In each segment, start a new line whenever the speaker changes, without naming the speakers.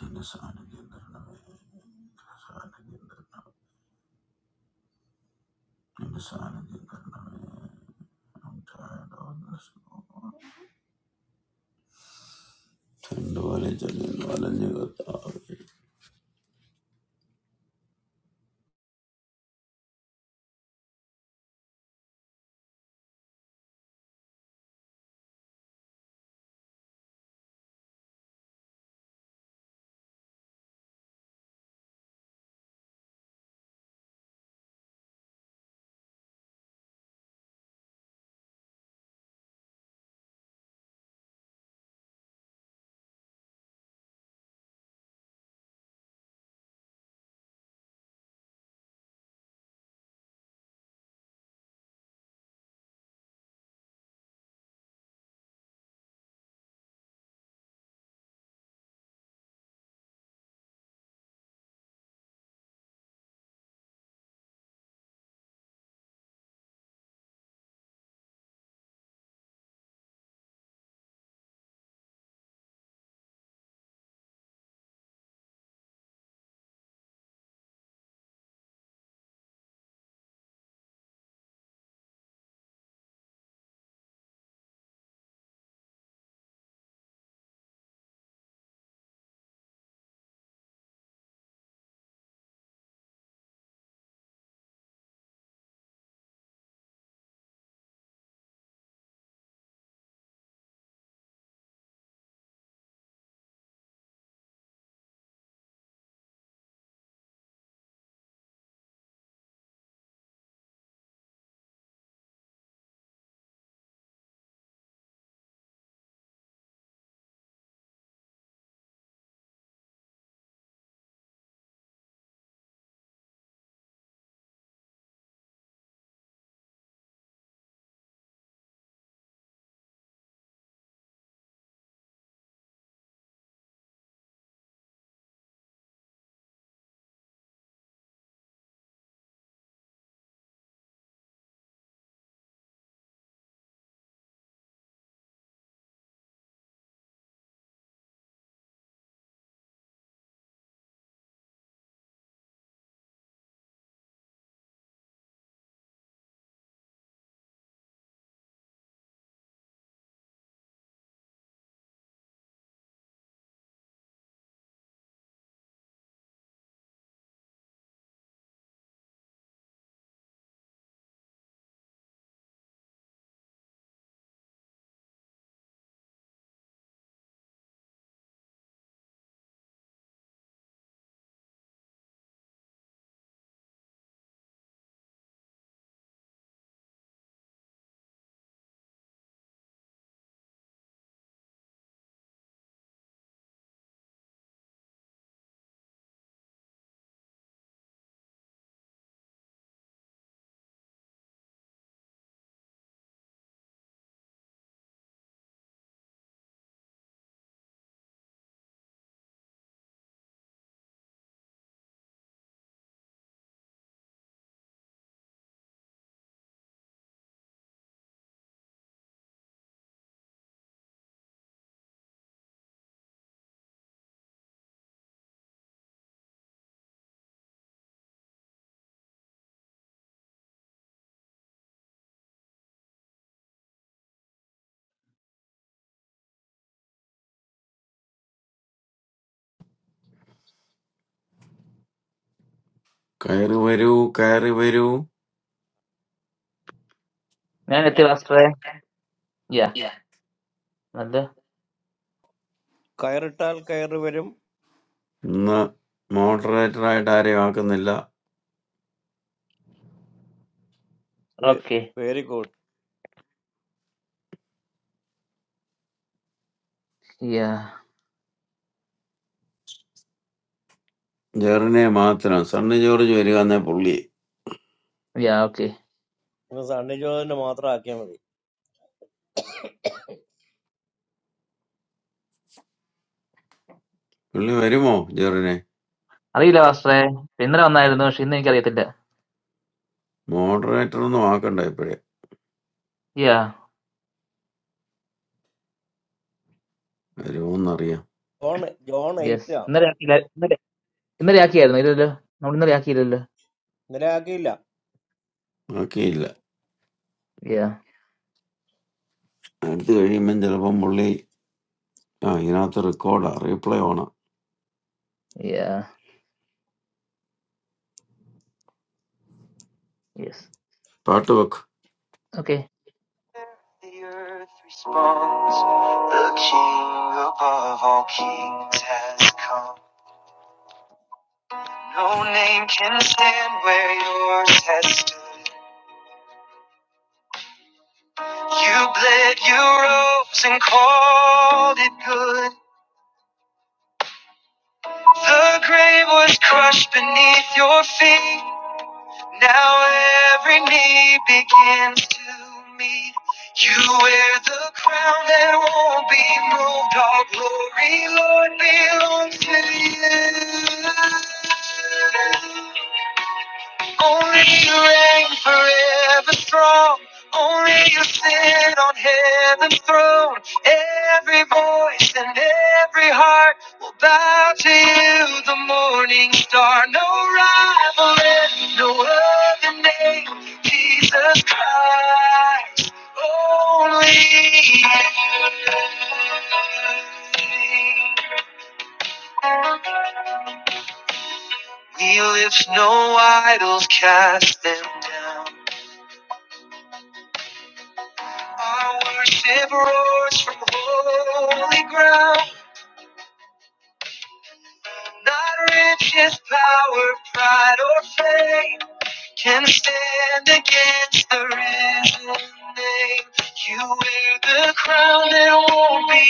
Turn this on again. Turn this on again. Karnavale. I'm tired of this. ചുണ്ടുപോലെ ചുരുങ്ങി വലഞ്ഞു കത്താവേ. കയറി വരൂ കയറി വരൂ
കയറിട്ടാൽ കയറി വരും
ഇന്ന് മോഡറേറ്റർ ആയിട്ട് ആരെയും ആക്കുന്നില്ല
വെരി ഗുഡ്
ജെറിനെ മാത്രം സണ്ണി ജോർജ് വരിക എന്നേ പുള്ളി
സണ്ണി ജോണിന് മാത്രം ആക്കിയാൽ മതി
പുള്ളി വരുമോ ജെറിനെ മോഡറേറ്റർ ഒന്നും ആക്കണ്ട ഇപ്പോഴേ വരുമോന്നറിയാം
ജോൺ ജോൺ എയ്റ്റ് ആ ഇന്നലെ ആക്കിയില്ല
ആക്കിയില്ല അടുത്ത് കഴിയുമ്പം ചിലപ്പം പുള്ളി ആ ഇതിനകത്ത് റെക്കോർഡാ റീപ്ലേ ഓണാ
Yeah.
പാട്ട് വെക്ക്
The grave was crushed beneath your feet. Now every knee begins to meet. You wear the crown that won't be moved. All glory, Lord, belongs to you. Only you reign forever strong. Only you sit on heaven's throne. Every voice and every heart will bow to you, the morning star. No rival and no other name. Jesus Christ, only you. We lift no idols, cast them down. Our worship roars from holy ground. Not riches, power, pride, or fame can stand against the risen name. You wear the crown that won't be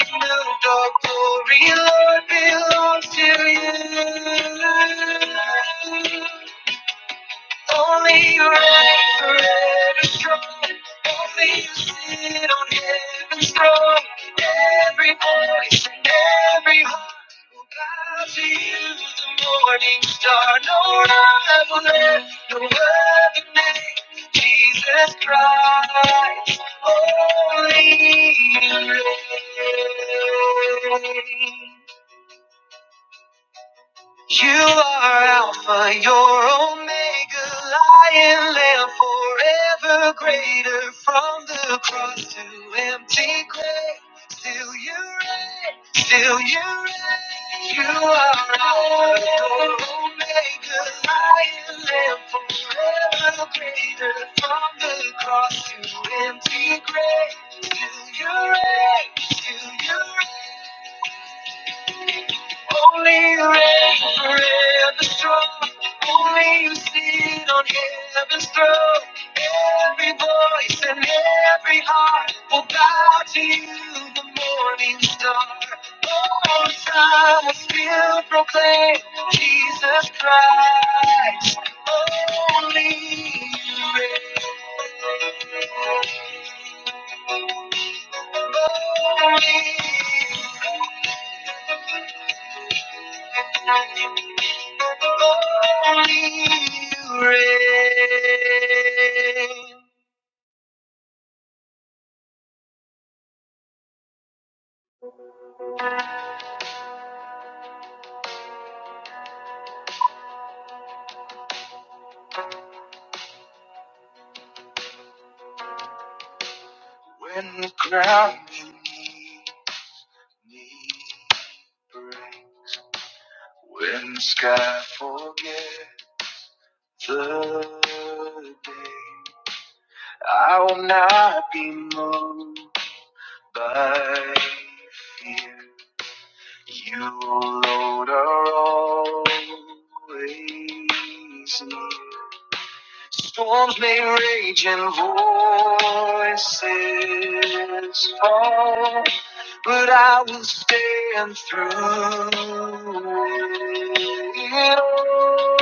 moved. All glory, Lord, belongs to you. Only you reign forever strong. Only you sit on heaven's throne. Every voice and every heart will bow to you, the morning star. No rival there, no other name. Jesus Christ, only you reign. You are Alpha, your Omega, Lion Lamb, forever greater. From the cross to empty grave, still you reign, still you reign. You are Alpha, your Omega, Lion Lamb, forever greater. From the cross to empty grave, still you reign, still you reign. Only the rain forever strong. Only you sit on heaven's throne. Every voice and every heart will bow to you, the morning star. All time will still proclaim Jesus Christ. Only you reign you. reign. When the ground beneath me breaks, when the sky forgets the day, I will not be moved by fear. You, Lord, are always near. Storms may rage and voices fall, but I will stand through it all.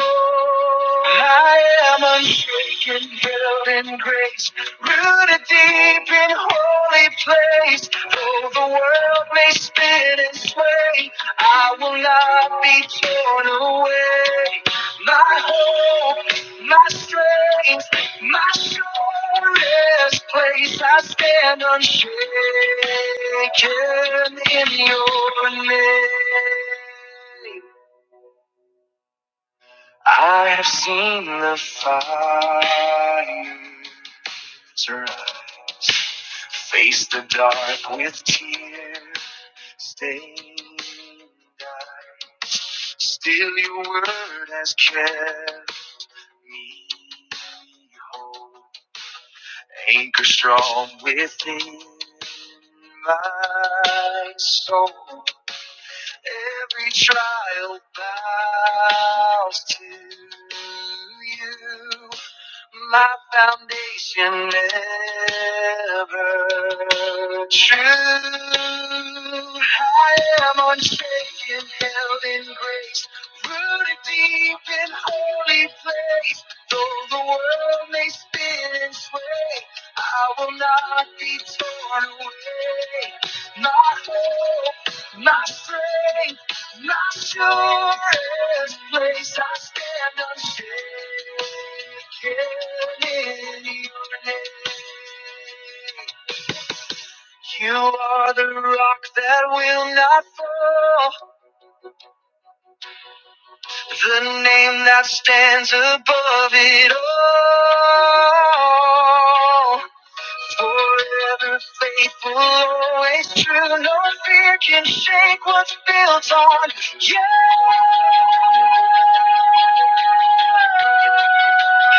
I am unshaken, held in grace, rooted deep in holy place. Though the world may spin and sway, I will not be torn away. My hope my strength, my surest place. I stand unshaken in your name. I have seen the fire rise, face the dark with tear stained eyes. Still, your word has kept me whole, anchor strong within my soul. Every trial bows to you. My foundation ever true. I am unshaken, held in grace, rooted deep in holy place. Though the world may spin and sway, I will not be torn away. My hope my strength, my surest place, I stand unshaken in your name. You are the rock that will not fall, the name that stands above it all. Forever faithful, always true. No fear can shake what's built on you.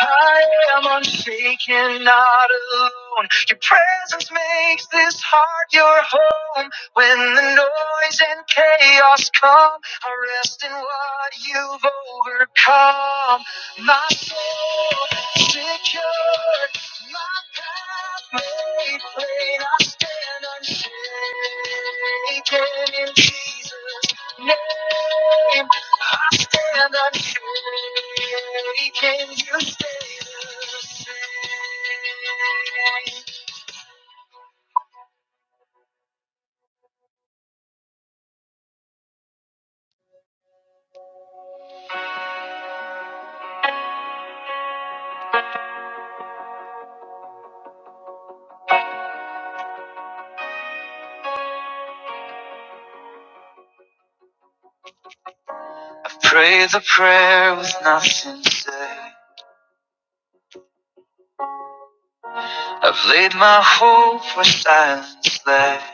I am unshaken, not alone. Your presence makes this heart your home. When the noise and chaos come, I rest in what you've overcome. My soul secure my path made plain, I stand unshaken in Jesus' name. I stand unshaken, you stay the same. I've prayed the prayer with nothing to say. I've laid my hope where silence lay.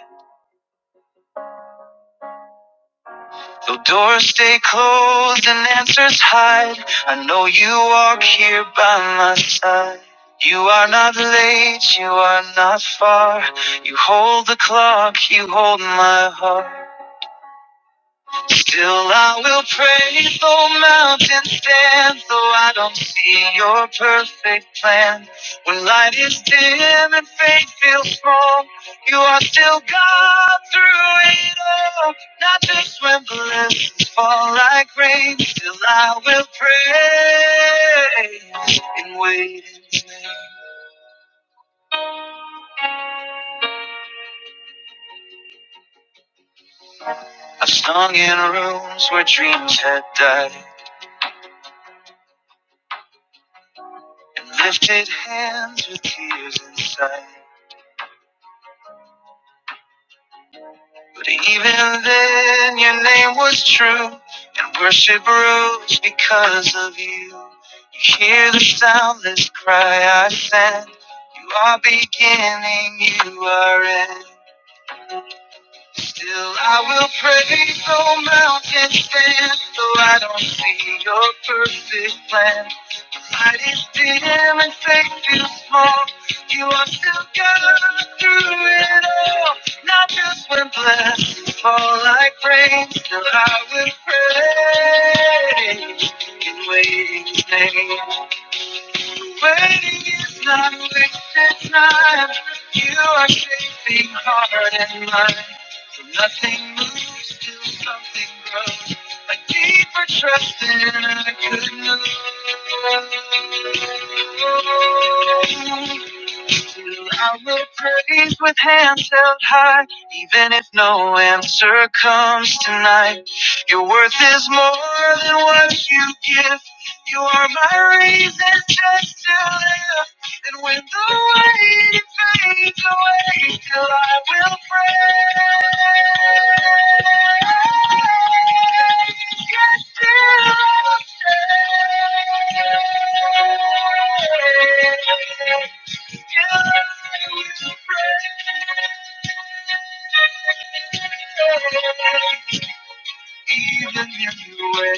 Though doors stay closed and answers hide, I know you walk here by my side. You are not late, you are not far. You hold the clock, you hold my heart. Still I will praise though mountains stand, though I don't see your perfect plan. When light is dim and faith feels small, you are still God through it all. Not just when blessings fall like rain, still I will praise and wait. I've sung in rooms where dreams had died and lifted hands with tears inside. But even then, your name was true, and worship rose because of you. You hear the soundless cry I send. You are beginning, you are end. Still, I will praise, though mountains stand, though I don't see your perfect plan. Mighty still and faith feels small. You are still God through it all. Not just when blessings fall like rain, still I will pray in waiting name. Waiting is not wasted time. You are shaping heart and mind. So nothing moves till something grows. A deeper trust in a good news. You, I will praise with hands held high, even if no answer comes tonight. Your worth is more than what you give. You are my reason just to live. And when the weight fades away, till I will pray. Yes, till I will stay. Till I will pray. Even in the way,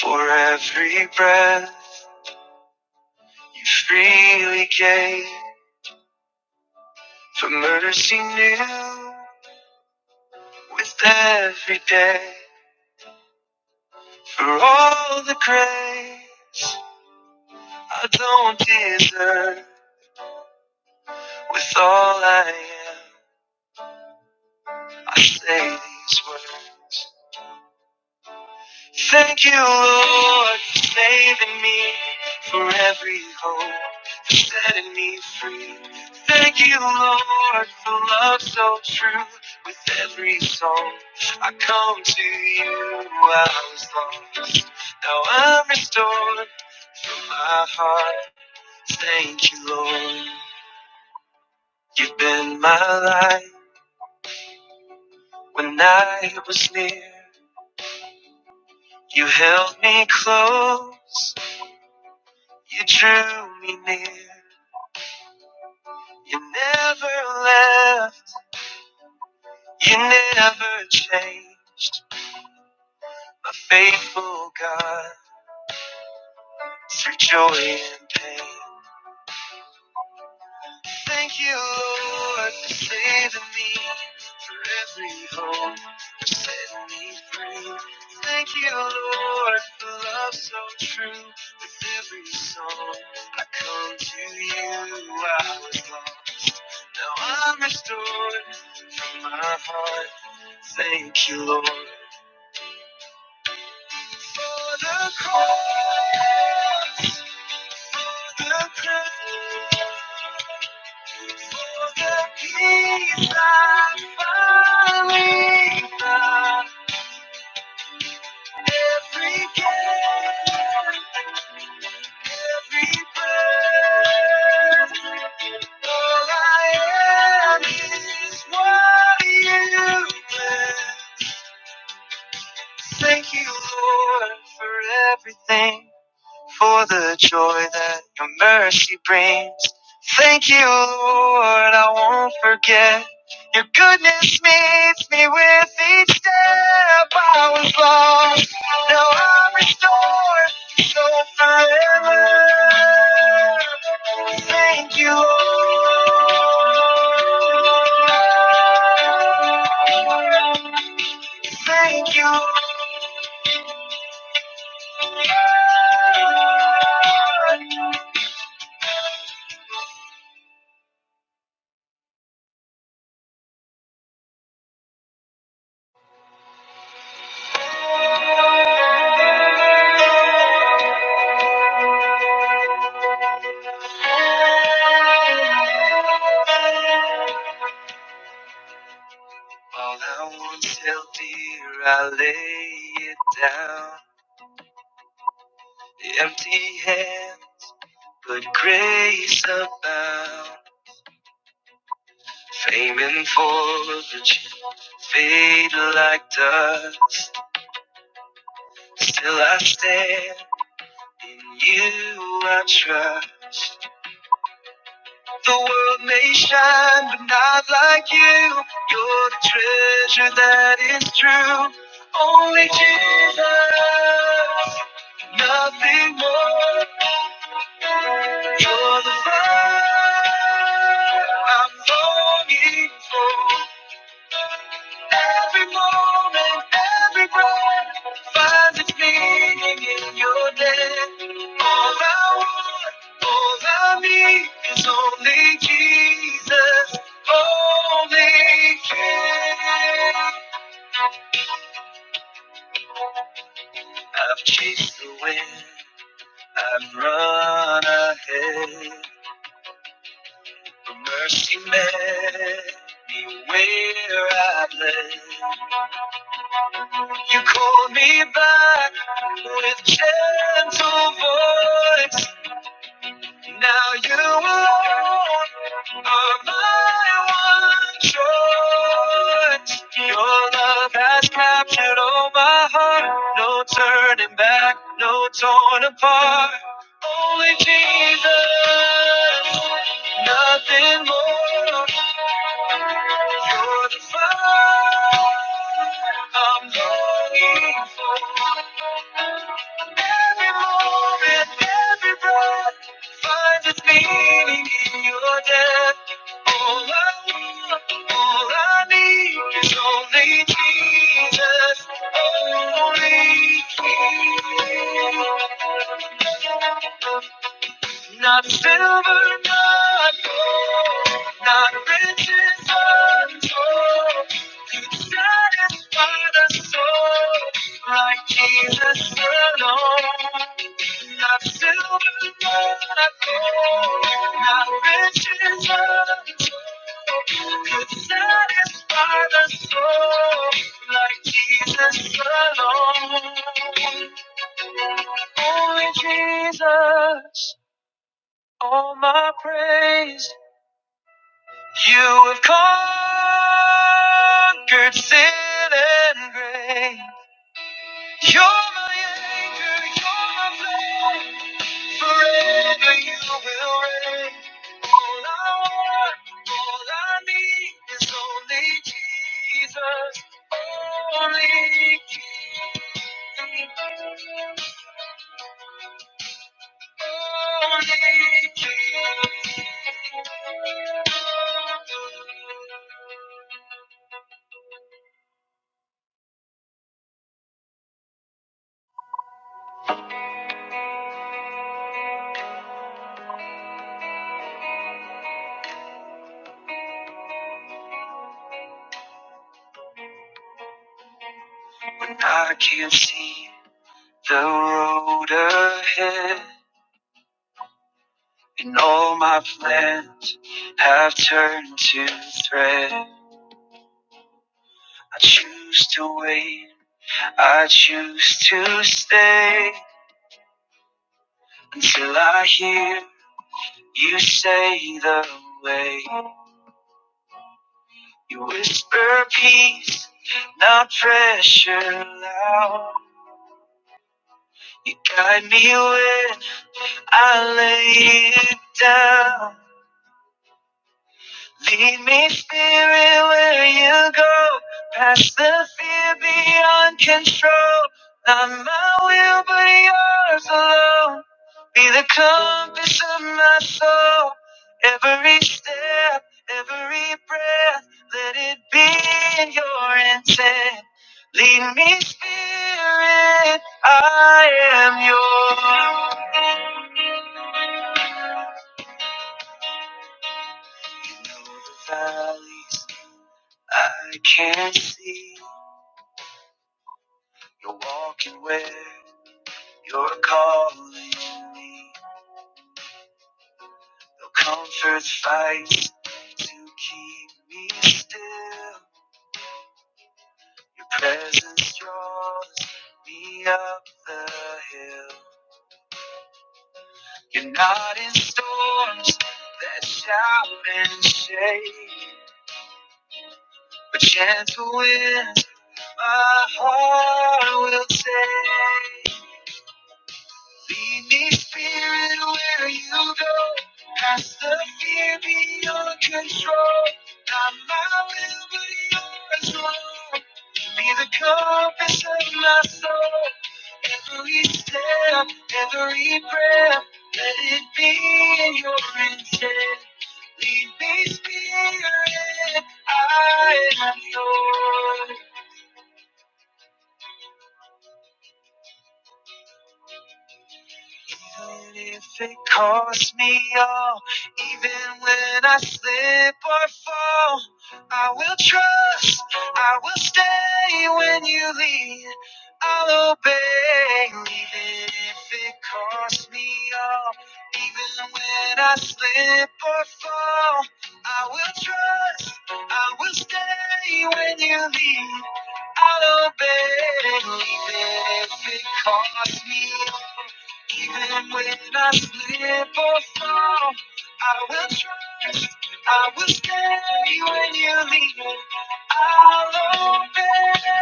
for every breath you freely gave. For mercy new with every day. For all the grace I don't deserve. With all I am, I say these words. Thank you, Lord, for saving me for every hope, for setting me free. Thank you, Lord, for love so true. With every song, I come to you. I was lost, now I'm restored. My heart, thank you, Lord. You've been my light when I was near. You held me close. You drew me near. You never left, you never changed. My faithful God through joy and pain. Thank you, Lord, for saving me, for every hope, for setting me free. Thank you, Lord, for love so true. With every song, I come to you. I was lost, now I'm restored from my heart. Thank you, Lord. For the cross, for the crown, for the peace I finally found. Every breath, every breath, all I am is what you bless. Thank you, Lord, for everything. for the joy that your mercy brings. Thank you, Lord, I won't forget. Your goodness meets me with each step. I was lost, now I'm restored, so forever. Thank you, Lord. Thank you, Lord. All I want, want's healthy, I lay it down. Empty hand, but grace abound. Fame and fortune fade like dust. Still I stand, in you I trust. The world may shine, but not like you. You're the treasure that is true. Only Jesus, nothing more. You're the fire I'm longing for. Every moment, every breath finds its meaning in your death. All I want, all I need is only Jesus, only King. I've chased the wind, I've run ahead. The mercy met me where I bled. You call me back with gentle voice. Now you are my one choice. Your love has captured all my heart. No turning back, no torn apart. Only Jesus, nothing more. You're the fire I'm longing for. Every moment, every breath finds its meaning in your death. All I want, all I need is only Jesus, only Jesus. Not silver, not gold, not riches untold could satisfy the soul like Jesus alone. Not silver, not gold, not riches untold could satisfy the soul like Jesus alone. Only Jesus. All my praise. You have conquered sin and grave. You're my anchor, you're my flame. Forever you will reign. All I want, all I need is only Jesus. Only Jesus. When I can't see the road ahead, and all my plans have turned to thread. I choose to wait, I choose to stay until I hear you say the way. You whisper peace, not pressure loud. You guide me when I lay it down. Lead me, Spirit, where you go. Past the fear beyond control. Not my will, but yours alone. Be the compass of my soul. Every step, every breath, let it be in your intent. Lead me, Spirit, I am yours. You know the valleys I can't see. You're walking where you're calling me. No comforts fights to keep me still. Your presence draws me up the hill. You're not in storms that shout and shake, but gentle winds my heart will take. Lead me, Spirit, where you go. Past the fear beyond control. Not my will, but yours, Lord. Be the compass of my soul. Every step, every breath, let it be your intent. Lead me, Spirit, I am yours. Even if it costs me all, even when I slip or fall, I will trust, I will stay when you lead, I'll obey. Even if it costs me all, even when I slip or fall, I will trust, I will stay when you lead, I'll obey. Even if it costs me all. Even when I slip or fall, I will trust. I will stay when you leave. me. I'll obey.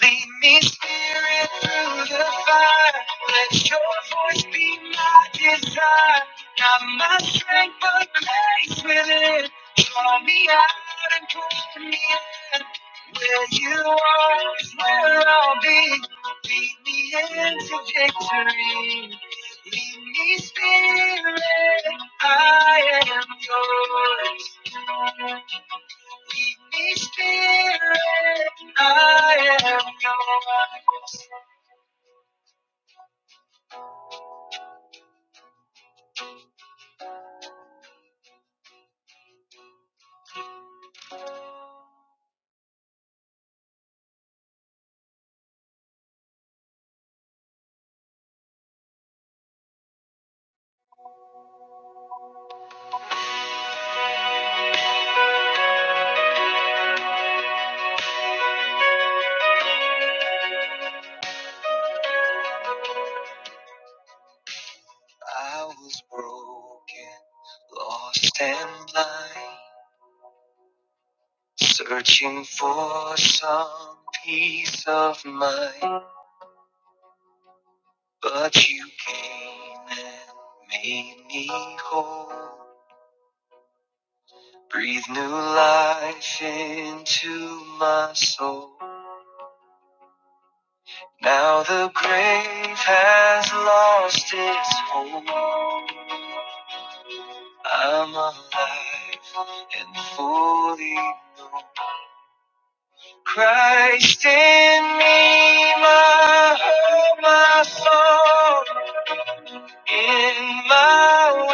Lead me, Spirit, through the fire. Let your voice be my desire. Not my strength, but grace within. Draw me out and pull me in. Where you are is where I'll be. Lead me into victory. Lead me, Spirit, I am yours. Lead me, Spirit, I am yours. I was broken, lost and blind, searching for some peace of mind. But you came and made me whole. Breathe new life into my soul. Now the grave has lost its hold. I'm alive and fully known. Christ in me, my hope, my song. In my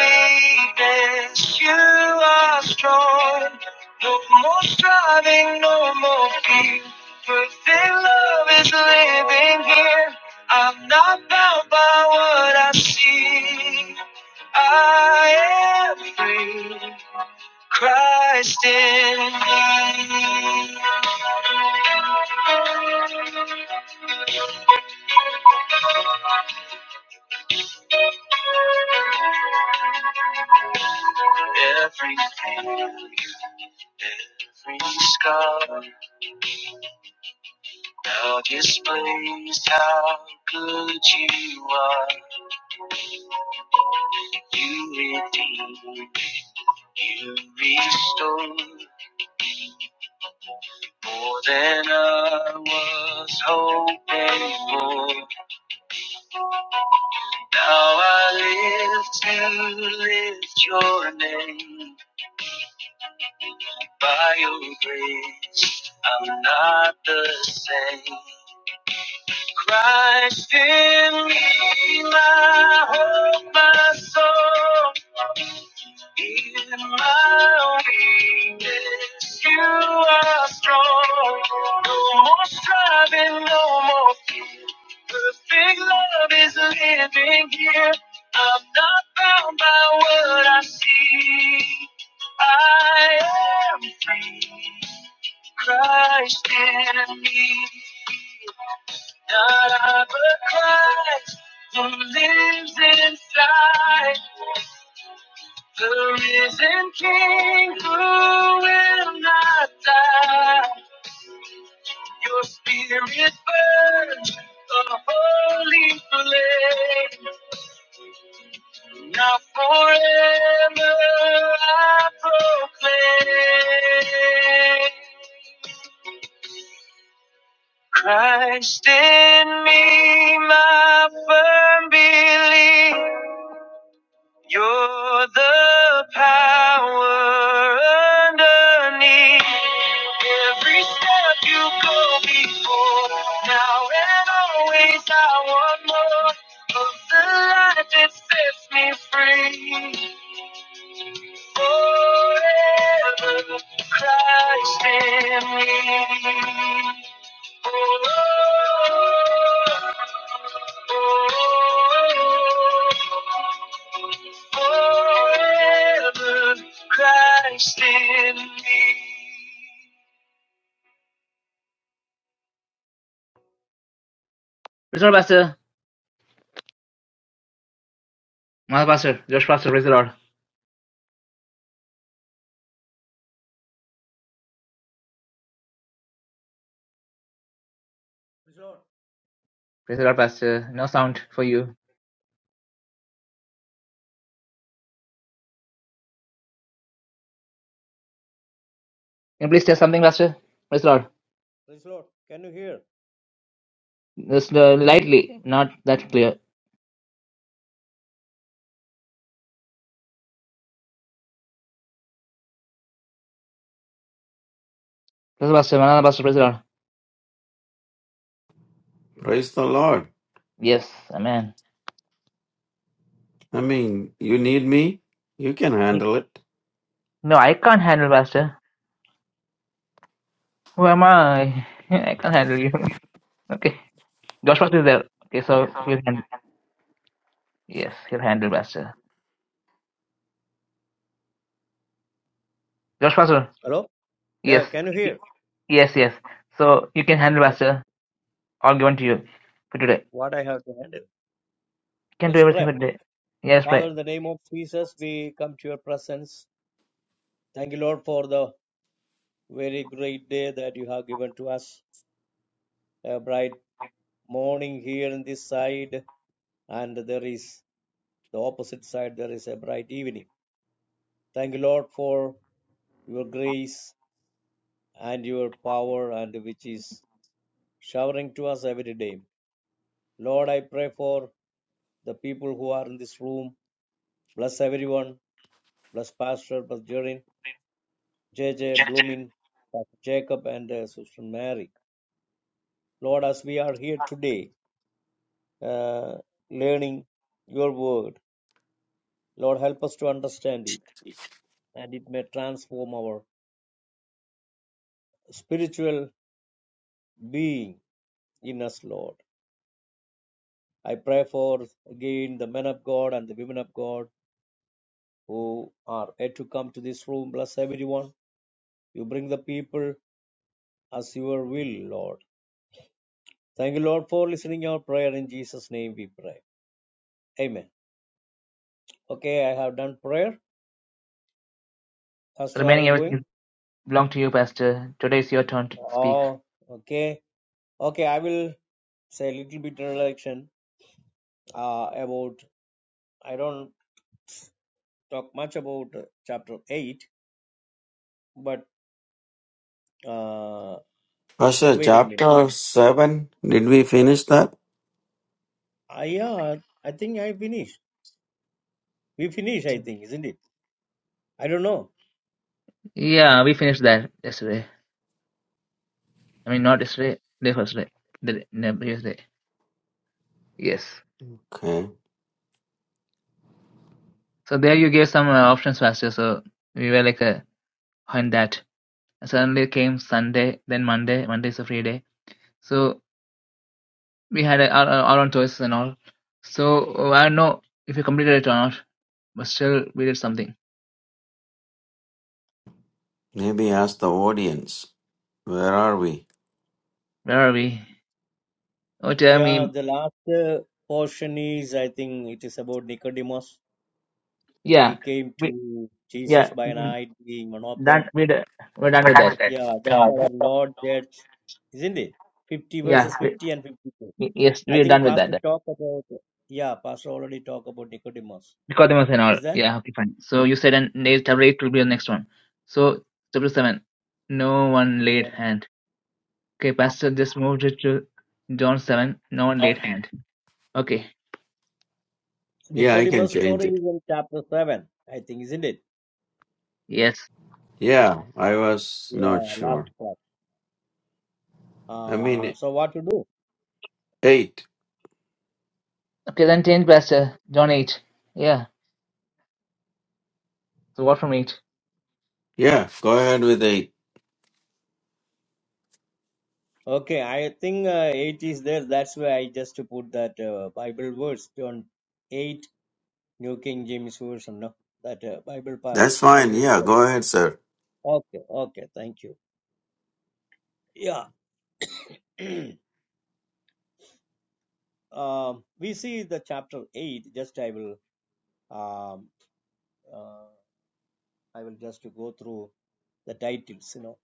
weakness, you are strong. No more striving, no more fear. Perfect love is living here. I'm not bound by what I see. I am free. Christ in me, every everything, every scar now displays how good you are. You redeemed, you restored more than I was hoping for. Now I live to lift your name. by your grace, I'm not the same. Christ in me, my hope, my soul. In my weakness, you are strong. No more striving, no more fear. Perfect love is living here. I'm not bound by what I see. I am free. Christ in me. Not I, but Christ, who lives inside. The risen King who will not die. Your spirit burns a holy flame. Now forever I proclaim. Christ in me, my firm belief. You're the power underneath every step you go before. Now and always, I want more of the life that sets me free. Forever, Christ in me. oh. Forever Christ in me. Praise the Lord, Pastor. My Pastor, Josh Pastor, praise the Lord. Praise the Lord, Pastor. No sound for you. Can you please say something, Pastor? Praise the Lord.
Can you hear
Just uh, lightly, not that clear. Praise the Pastor, another Pastor, praise the Lord.
Praise the Lord
Yes, Amen.
I mean, you need me? You can handle it.
No, I can't handle Pastor. Who am I? I can't handle you. Okay. Josh Pastor is there. Okay, so you can. Yes, he'll handle pastor. Josh Pastor.
Hello
Yes,
can you
y- yes, yes. So you can handle Buster. All given to you for today. You
What I have to handle? Let's
can do
pray.
everything for today. Yes,
Father,
pray.
in the name of Jesus, we come to your presence. Thank you, Lord, for the very great day that you have given to us. A bright morning here in this side, and there is the opposite side, there is a bright evening. Thank you, Lord, for your grace. and your power and which is showering to us every day. Lord, I pray for the people who are in this room. Bless everyone. Bless Pastor, Bless Jerin, J. J, Bloomin, Pastor Jacob, and uh, Sister Mary. Lord, as we are here today, uh, learning your word, Lord, help us to understand it, and it may transform our spiritual being in us, Lord. I pray for again the men of God and the women of God who are yet to come to this room. Bless everyone. You bring the people as your will, Lord. Thank you, Lord, for listening our prayer. In Jesus' name we pray. Amen. Okay, I have done prayer. Pastor, are
Remaining
you going?
everything is belong to you, Pastor. Today is your turn to speak.
Oh, okay. Okay, I will say a little bit introduction uh, about, I don't talk much about uh, chapter 8, but uh,
Pasha,
wait a minute.
chapter 7, did we finish that?
I, uh, I think I finished. We finished, I think, isn't it? I don't know.
Yeah, we finished that yesterday. I mean, not yesterday, day first day, the day- no, previous day. Yes.
Okay.
So there you gave some uh, options, Pastor. So we were like uh, on that. Suddenly came Sunday, then Monday. Monday is a free day. So we had our, our our own choices and all. So uh, I don't know if we completed it or not, but still we did something.
Maybe ask the audience. Where are we?
Where are we? Oh, tell
Yeah,
me.
the last uh, portion is, I think it is about Nicodemus. He
Yeah,
came
we
to Jesus
yeah
by
mm,
night, being one of
done.
them.
We d- we're done with that.
Yeah, that's our Lord Church, isn't it? 50
Yeah,
verses
we
50 and 52.
y- yes
I
we're
think
done with
Pastor
that. then.
talked about, yeah, Pastor already talked about Nicodemus.
Nicodemus and all.
Is that?
Yeah, okay, fine. So you said and eight, chapter eight will be the next one. So chapter seven, no one laid
Yeah.
hand. Okay, pastor just moved it to John seven. No one laid hand. Okay,
Yeah, I can
Nicodemus
change
story
it.
is in chapter 7, I think, isn't it?
yes.
Yeah, I was
Yeah,
not
last
sure.
part.
I
Uh,
mean,
so what to do?
8.
Okay, then change pastor John eight. Yeah. So what from it?
Yeah, go ahead with 8.
Okay, I think uh, 8 is there. That's why I just put that uh, Bible verse on 8 New King James Version. No, that uh, Bible pa-
That's fine.
Bible.
Yeah,
part.
go ahead, sir.
Okay, okay, thank you. Yeah, um, we see the chapter 8. Just I will um, uh, I will just go through the titles. You know,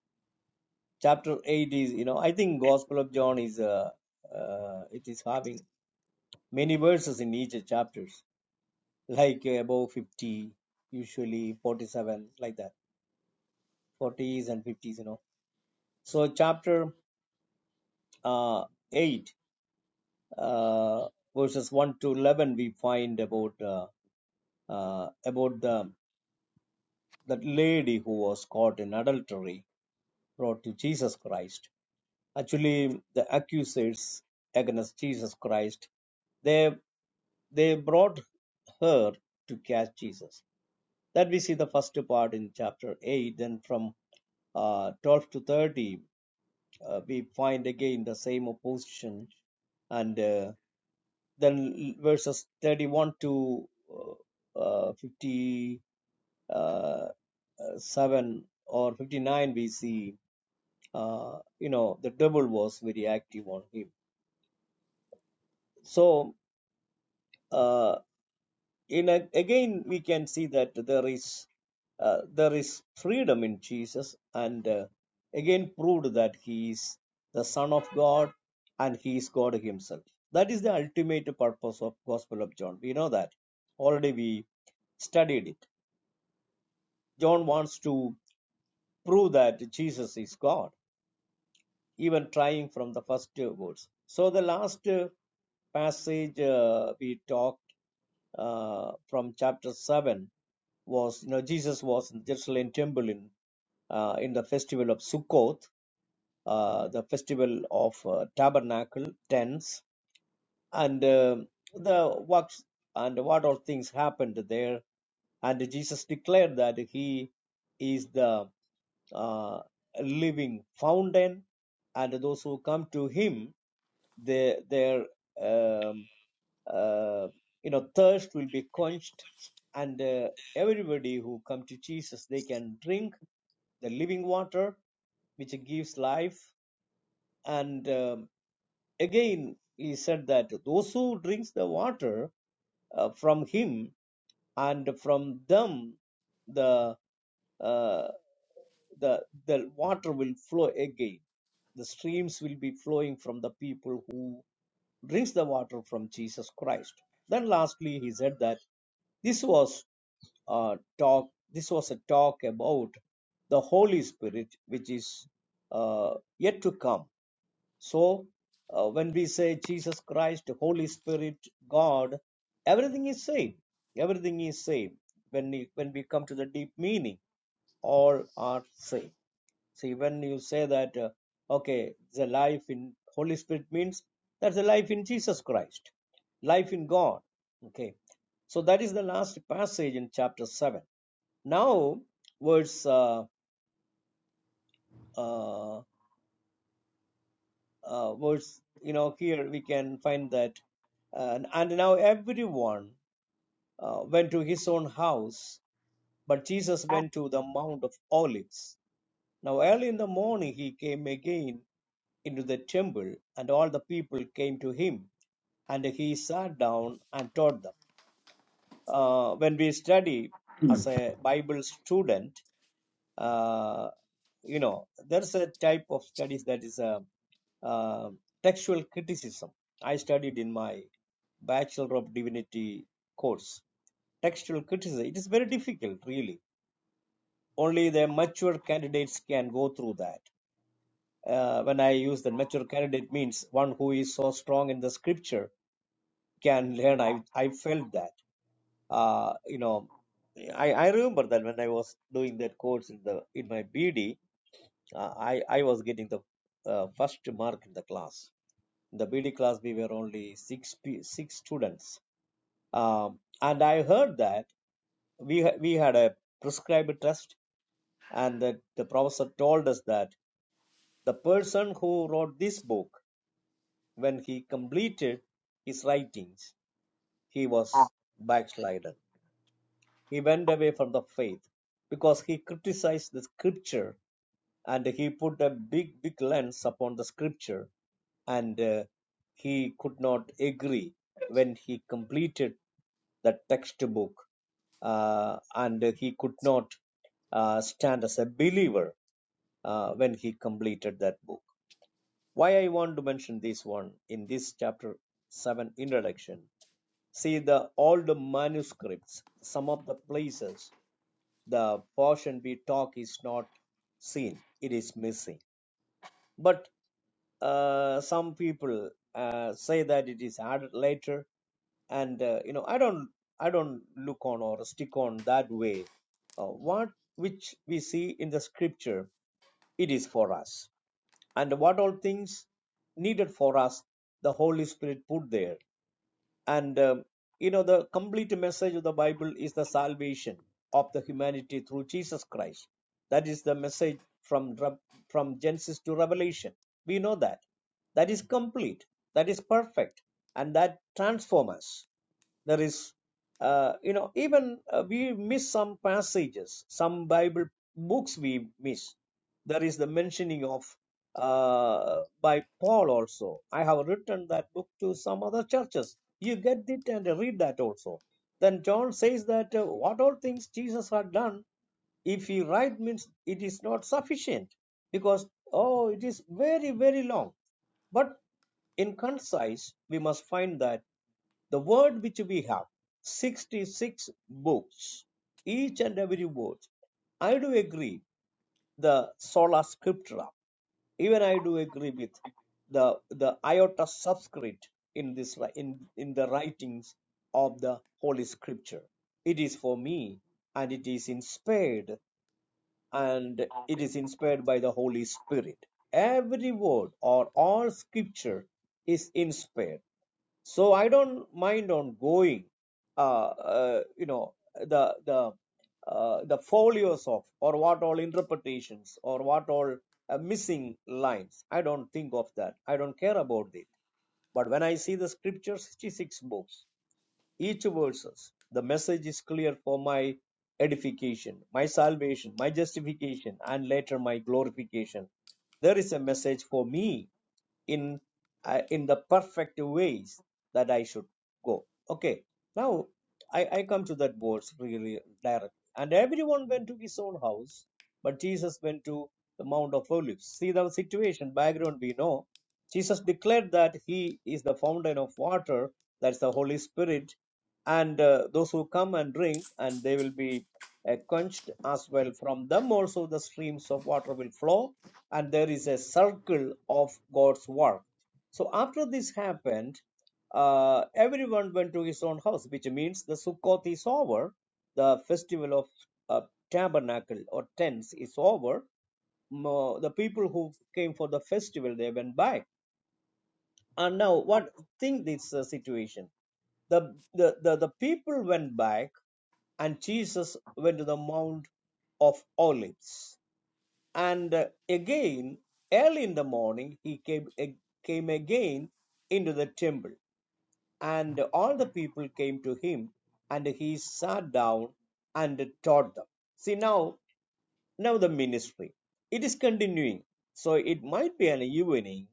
chapter 8 is you know I think Gospel of John is uh, uh, it is having many verses in each chapters like uh, above 50 usually 47 like that 40s and 50s you know so chapter uh, 8 uh, verses 1 to 11 we find about uh, uh, about the that lady who was caught in adultery brought to jesus christ actually the accusers against jesus christ they they brought her to catch jesus that we see the first part in chapter 8 then from uh, 12 to 30 uh, we find again the same opposition and uh, then verses 31 to uh, uh, 57 or 59 we see uh, you know the devil was very active on him so uh, in a, again we can see that there is uh, there is freedom in Jesus and uh, again proved that he is the son of God and he is God himself that is the ultimate purpose of gospel of John we know that already we studied it John wants to prove that Jesus is God even trying from the first uh, words. So the last uh, passage uh, we talked uh, from chapter 7 was, you know, Jesus was in the Jerusalem temple in, uh, in the festival of Sukkoth, uh, the festival of uh, tabernacle, tents, and uh, the what and what all things happened there. And Jesus declared that he is the uh, living fountain, and those who come to Him, their their um, uh, you know thirst will be quenched, and uh, everybody who come to Jesus, they can drink the living water, which gives life. And um, again, he said that those who drinks the water uh, from Him and from them, the uh, the the water will flow again the streams will be flowing from the people who drinks the water from jesus christ then lastly he said that this was a talk this was a talk about the holy spirit which is uh, yet to come so uh, when we say jesus christ holy spirit god everything is same everything is same when we, when we come to the deep meaning all are same so when you say that, uh, okay, the life in Holy Spirit means that's the life in Jesus Christ, life in God. Okay, so that is the last passage in chapter seven. Now, verse, uh, uh, uh, verse, you know, here we can find that, uh, and now everyone uh, went to his own house, but Jesus went to the Mount of Olives. Now early in the morning he came again into the temple, and all the people came to him, and he sat down and taught them. Uh, when we study as
amen,
a Bible student, uh, you know, there's a type of studies that is a, uh, textual criticism. I studied in my Bachelor of Divinity course. Textual criticism, it is very difficult, really. Only the mature candidates can go through that Uh, when I use the mature candidate means one who is so strong in the scripture can learn. I I felt that. Uh, you know, I, I remember that when I was doing that course in the in my BD, uh, I I was getting the uh, first mark in the class. In the BD class, we were only six pe- six students, um, and I heard that we ha- we had a prescribed test, and that the professor told us that the person who wrote this book When he completed his writings, he was backslidden. He went away from the faith because he criticized the scripture and he put a big, big lens upon the scripture and uh, he could not agree when he completed the textbook uh, and he could not uh, stand as a believer uh, when he completed that book. Why I want to mention this one in this chapter 7 introduction See the old manuscripts, some of the places the portion we talk is not seen, it is missing. But uh, some people uh, say that it is added later, and uh, you know i don't i don't look on or stick on that way uh, what which we see in the scripture it is for us and what all things needed for us the holy spirit put there and um, you know the complete message of the bible is the salvation of the humanity through jesus christ that is the message from Re- from genesis to revelation we know that that is complete that is perfect and that transforms us there is uh, you know even uh, we miss some passages some bible books we miss there is the mentioning of uh, by Paul also. I have written that book to some other churches. You get it and read that also. Then John says that uh, what all things Jesus had done, if he write means it is not sufficient because oh it is very very long. But in concise we must find that the word which we have 66 books each and every word i do agree the sola scriptura even i do agree with the the iota subscript in this in in the writings of the holy scripture it is for me and it is inspired and it is inspired by the holy spirit every word or all scripture is inspired so i don't mind on going uh, uh you know the the uh, the folios of or what all interpretations or what all uh, missing lines i don't think of that i don't care about it but when i see the scripture 66 books each verses the message is clear for my edification my salvation my justification and later my glorification there is a message for me in uh, in the perfect ways that I should go. Okay, now I, I come to that verse really directly. And everyone went to his own house, but Jesus went to the Mount of Olives. See the situation, background we know. Jesus declared that he is the fountain of water, that's the Holy Spirit, and uh, those who come and drink and they will be uh, quenched as well from them also the streams of water will flow and there is a circle of god's work so after this happened uh, everyone went to his own house which means the sukkoth is over the festival of uh, tabernacle or tents is over Mo- the people who came for the festival they went back and now, what think this uh, situation? The, the the the people went back, and Jesus went to the Mount of Olives. And uh, again, early in the morning, he came ag- came again into the temple, and all the people came to him, and he sat down and taught them. See now, now the ministry it is continuing, so it might be an evening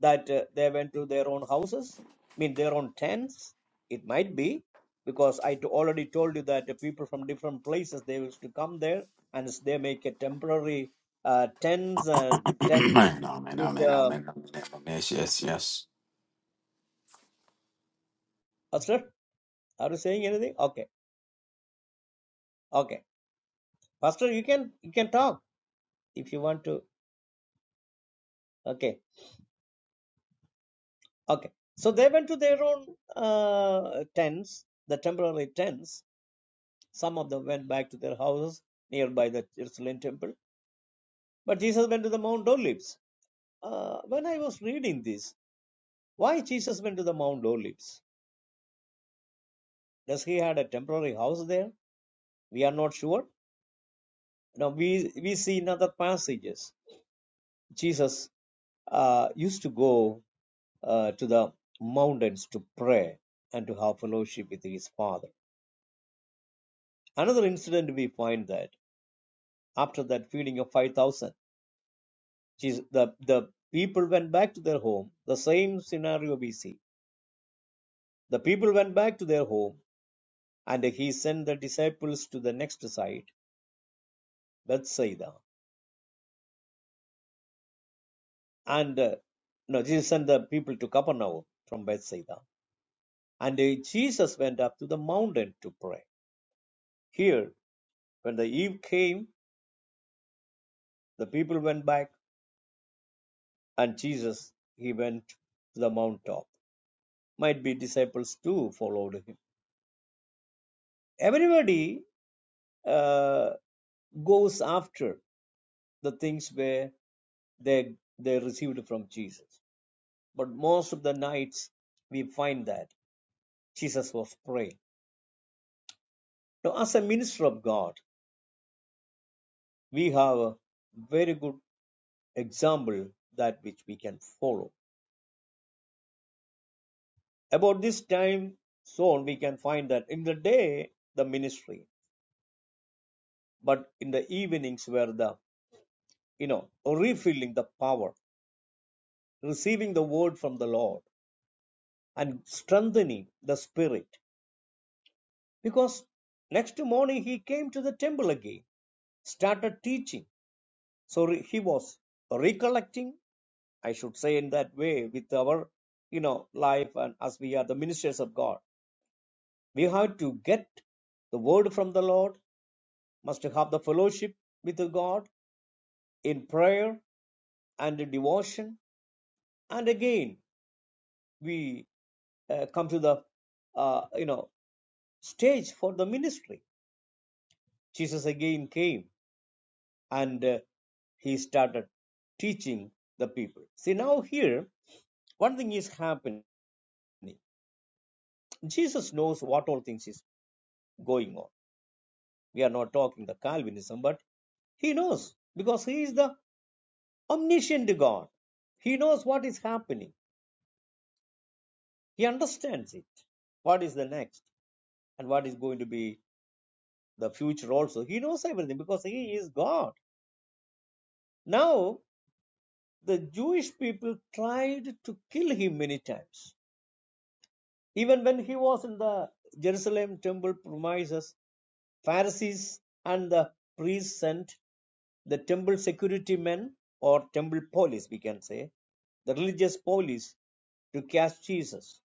that uh, they went to their own houses, I mean their own tents. It might be because I to- already told you that the people from different places they used to come there and s- they make a temporary uh, tents and tents
amen,
with
amen, amen,
uh,
amen. Yes, yes, yes.
Pastor. Are you saying anything? Okay, okay, Pastor, you can you can talk if you want to. Okay, okay. So they went to their own uh, tents, the temporary tents. Some of them went back to their houses nearby the Jerusalem temple But Jesus went to the Mount Olives. Uh, when I was reading this, why Jesus went to the Mount Olives? Does he had a temporary house there? We are not sure. Now we we see in other passages Jesus uh, used to go uh, to the mountains to pray and to have fellowship with his Father. Another incident we find that after that feeding of five thousand, Jesus the the people went back to their home. The same scenario we see. The people went back to their home And he sent the disciples to the next site, Bethsaida. And uh, no, Jesus sent the people to Capernaum from Bethsaida. And uh, Jesus went up to the mountain to pray. Here, when the eve came, the people went back, and Jesus he went to the mount top. Might be disciples too followed him. Everybody uh, goes after the things where they they received from Jesus. But most of the nights we find that. Jesus was praying. Now, as a minister of God, we have a very good example that which we can follow. About this time zone, we can find that in the day the ministry, but in the evenings were the you know refilling the power, receiving the word from the Lord, and strengthening the spirit. Because next morning he came to the temple again, started teaching. So he was recollecting I should say in that way with our you know life and as we are the ministers of God. We have to get the word from the Lord, must have the fellowship with the God in prayer and in devotion, and again we uh, come to the uh, you know stage for the ministry. Jesus again came and uh, he started teaching the people. See now here one thing is happening. Jesus knows what all things is going on We are not talking the Calvinism, but he knows because he is the omniscient God. He knows what is happening. He understands it. What is the next and what is going to be the future also. He knows everything because he is God. Now, the Jewish people tried to kill him many times. Even when he was in the Jerusalem temple premises, Pharisees and the priests and the temple security men or temple police, we can say, the religious police to catch Jesus.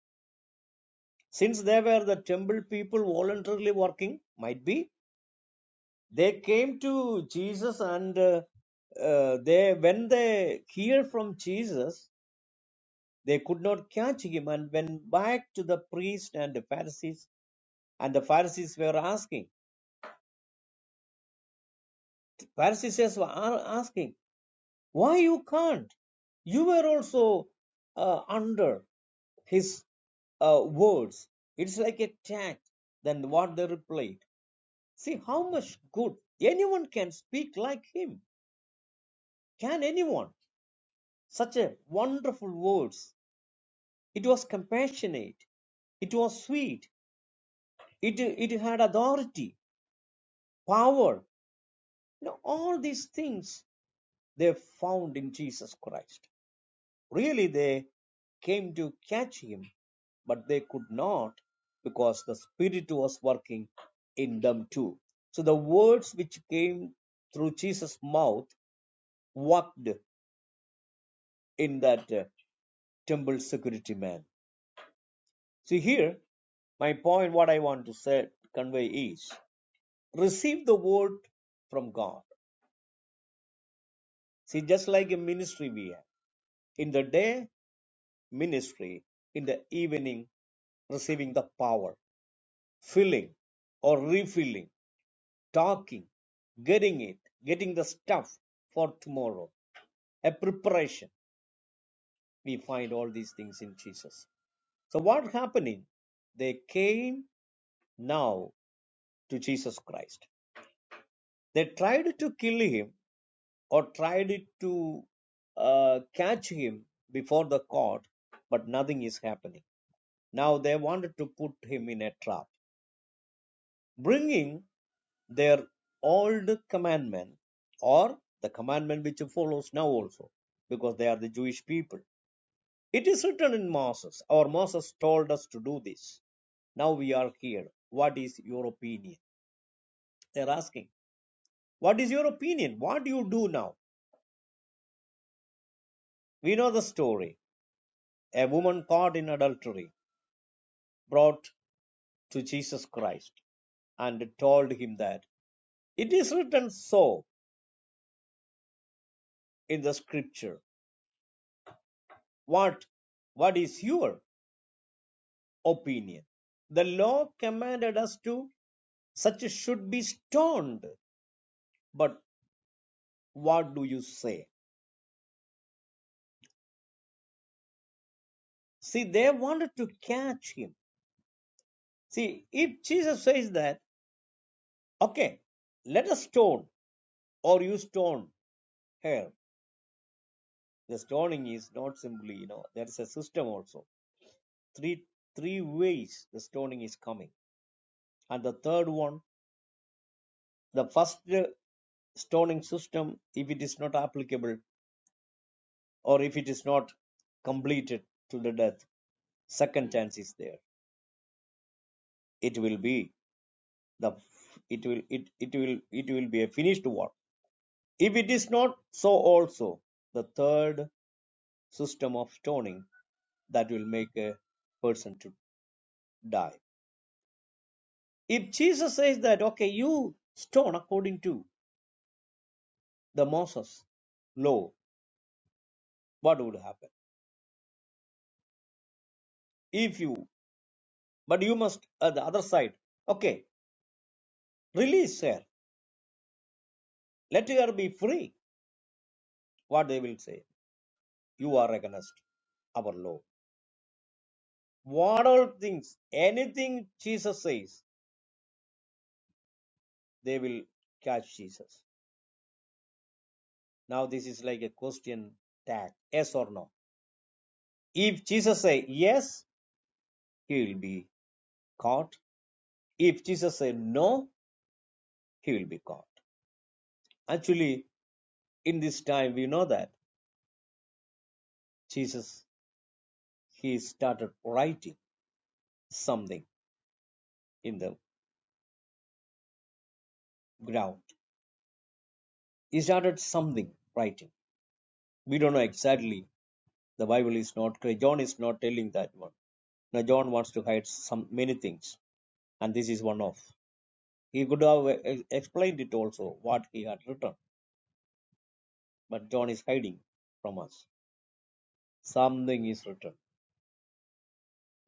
Since they were the temple people voluntarily working, might be, they came to Jesus and uh, uh, they when they hear from Jesus, they could not catch him and went back to the priest and the Pharisees. And the Pharisees were asking. Pharisees were asking. Why you can't? You were also uh, under his uh, words. It's like a tact than what they replied. See how much good anyone can speak like him. Can anyone? Such a wonderful words. It was compassionate. It was sweet. It it had authority, power. You know all these things they found in Jesus Christ. Really, they came to catch him but they could not because the Spirit was working in them too. So the words which came through Jesus' mouth worked in that uh, temple security man. See here, my point, what I want to say, convey is receive the word from God. See, just like a ministry we have in the day, ministry, in the evening, receiving the power, filling or refilling talking, getting it, getting the stuff for tomorrow, a preparation. We find all these things in Jesus. So, what happening? They came now to Jesus Christ. They tried to kill him or tried to uh, catch him before the court, but nothing is happening. Now they wanted to put him in a trap, bringing their old commandment or the commandment which follows now also because they are the Jewish people. It is written in Moses. Our Moses told us to do this. Now we are here. What is your opinion? They're asking, What is your opinion? What do you do now? We know the story. A woman caught in adultery brought to Jesus Christ and told him that it is written so in the scripture. What what is your? opinion. The law commanded us to such should be stoned. But what do you say? See, they wanted to catch him. See, if Jesus says that, okay, let us stone or you stone here. The stoning is not simply, you know, there is a system also. Three three ways the stoning is coming. And the third one, the first uh, stoning system, if it is not applicable or if it is not completed to the death, second chance is there it will be the it will it it will it will be a finished work if it is not so also the third system of stoning that will make a person to die if jesus says that okay you stone according to the moses law what would happen if you but you must at the other side okay release her let her be free what they will say you are against our law What all things, anything Jesus says, they will catch Jesus. Now this is like a question tag, yes or no. If Jesus say yes, he will be caught. If Jesus say no, he will be caught. Actually, in this time we know that Jesus he started writing something in the ground. He started something writing. We don't know exactly. The Bible is not clear. John is not telling that one. Now John wants to hide some many things and this is one of. He could have e- explained it also, what he had written, but John is hiding from us. Something is written.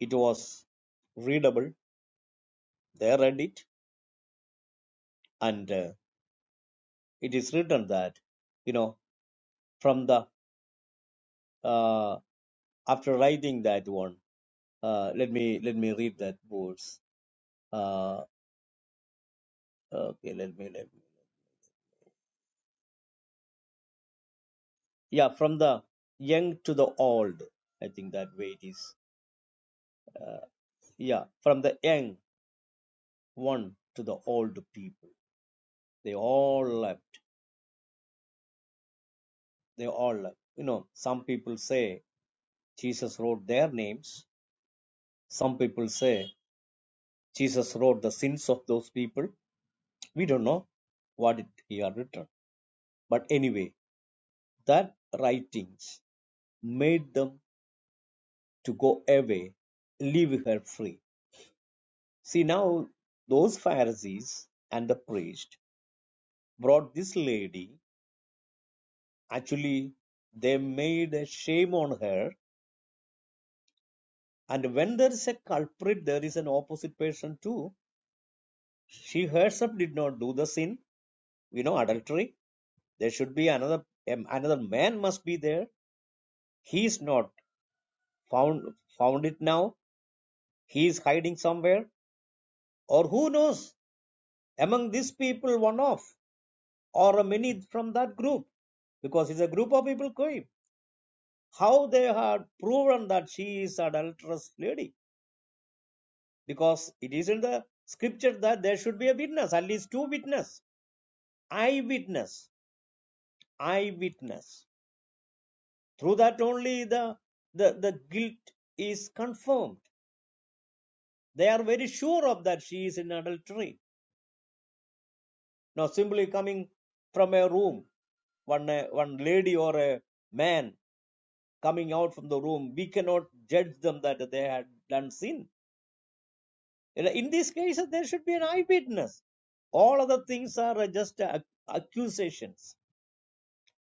It was readable, they read it, and uh, it is written that, you know, from the, uh, after writing that one, uh, let me, let me read that verse. Uh, okay, let me, let me. Yeah, from the young to the old, I think that way it is. Yeah, from the young one to the old people They all left. They all left. You know, some people say Jesus wrote their names. Some people say Jesus wrote the sins of those people. We don't know what it, he had written. But anyway, that writings made them to go away, leave her free. See, now those Pharisees and the priest brought this lady. Actually, they made a shame on her. And when there is a culprit, there is an opposite person too. She herself did not do the sin, you know, adultery. There should be another um, another man must be there. He is not found found it now. He is hiding somewhere, or who knows among these people, one of or a many from that group, because it's a group of people going. How they had proven that she is adulterous lady, because it is in the scripture that there should be a witness, at least two witness, eyewitness, eyewitness. Through that only the, the, the guilt is confirmed. They are very sure of that she is in adultery. Now, simply coming from a room, one, uh, one lady or a man coming out from the room, we cannot judge them that they had done sin. In these cases, there should be an eyewitness. All other things are uh, just uh, accusations,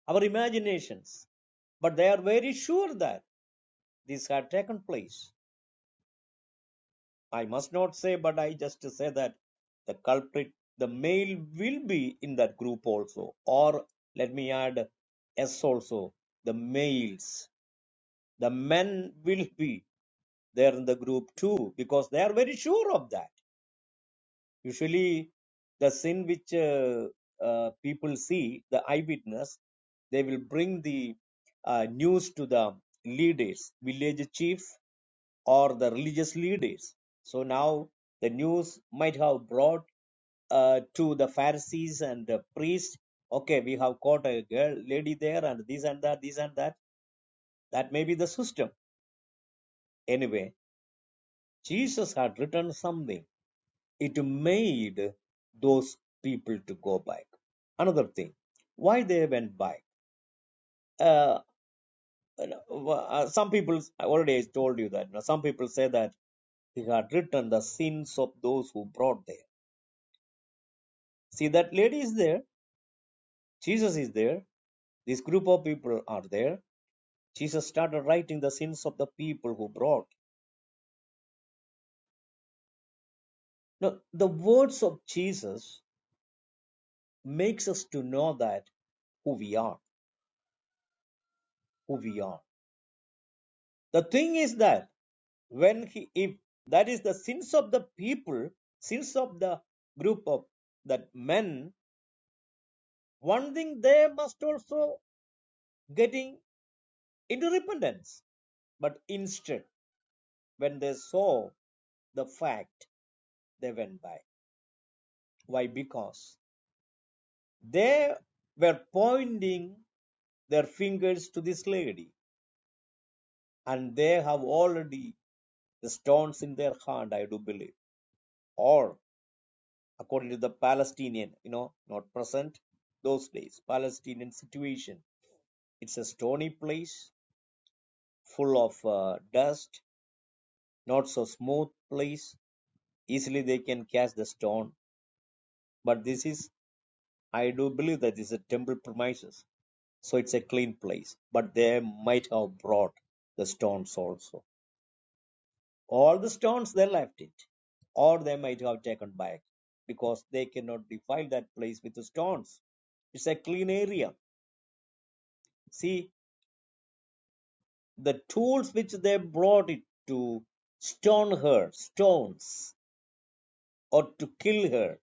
our imaginations. But they are very sure that this had taken place. I must not say, but I just say that the culprit, the male will be in that group also. Or let me add S also, the males, the men will be there in the group too, because they are very sure of that Usually, the sin which uh, uh, people see, the eyewitness, they will bring the uh, news to the leaders, village chief, or the religious leaders. So now the news might have brought uh, to the Pharisees and the priests, okay, we have caught a girl, lady there, and this and that, this and that. That may be the system. Anyway, Jesus had written something it made those people to go back another thing why they went back uh, uh, some people i already told you that you know, some people say that he had written the sins of those who brought there see that lady is there jesus is there this group of people are there jesus started writing the sins of the people who brought now the words of jesus makes us to know that who we are who we are the thing is that when he if that is the sins of the people sins of the group of that men one thing they must also getting into repentance but instead when they saw the fact they went by why because they were pointing their fingers to this lady and they have already the stones in their hand i do believe or according to the Palestinian, you know, not present, those days, Palestinian situation. It's a stony place, full of uh, dust, not so smooth place. Easily they can catch the stone. But this is, I do believe that this is a temple premises. So it's a clean place. But they might have brought the stones also. All the stones they left it, or they might have taken back because they cannot defile that place with the stones. It's a clean area. See, the tools which they brought it to stone her, stones, or to kill her,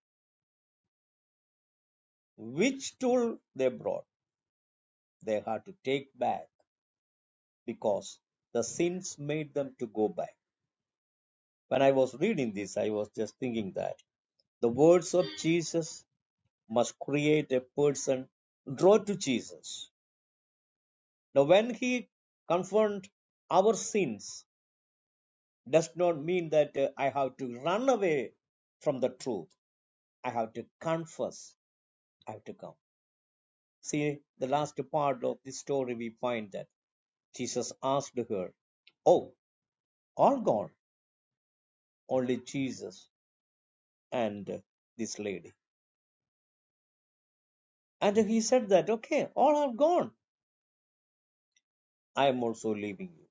which tool they brought, they had to take back because the sins made them to go back. When I was reading this, I was just thinking that the words of Jesus must create a person draw to Jesus. Now, when he confront our sins, does not mean that uh, I have to run away from the truth. I have to confess have to come. See, the last part of this story, we find that Jesus asked her, Oh, all gone, only Jesus and this lady. And he said that, Okay, all are gone. I am also leaving you.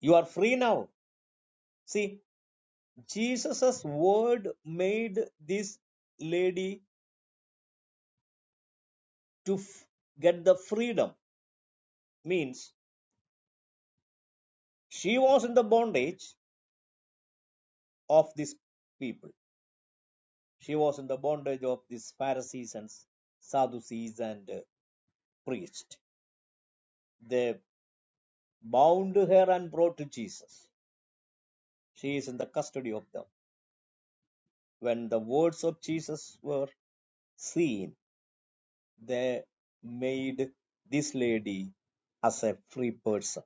You are free now. See, Jesus' word made this lady to f- get the freedom. Means she was in the bondage of these people She was in the bondage of these Pharisees and Sadducees and uh, priests. They bound her and brought to Jesus. She is in the custody of them. When the words of Jesus were seen, they made this lady as a free person.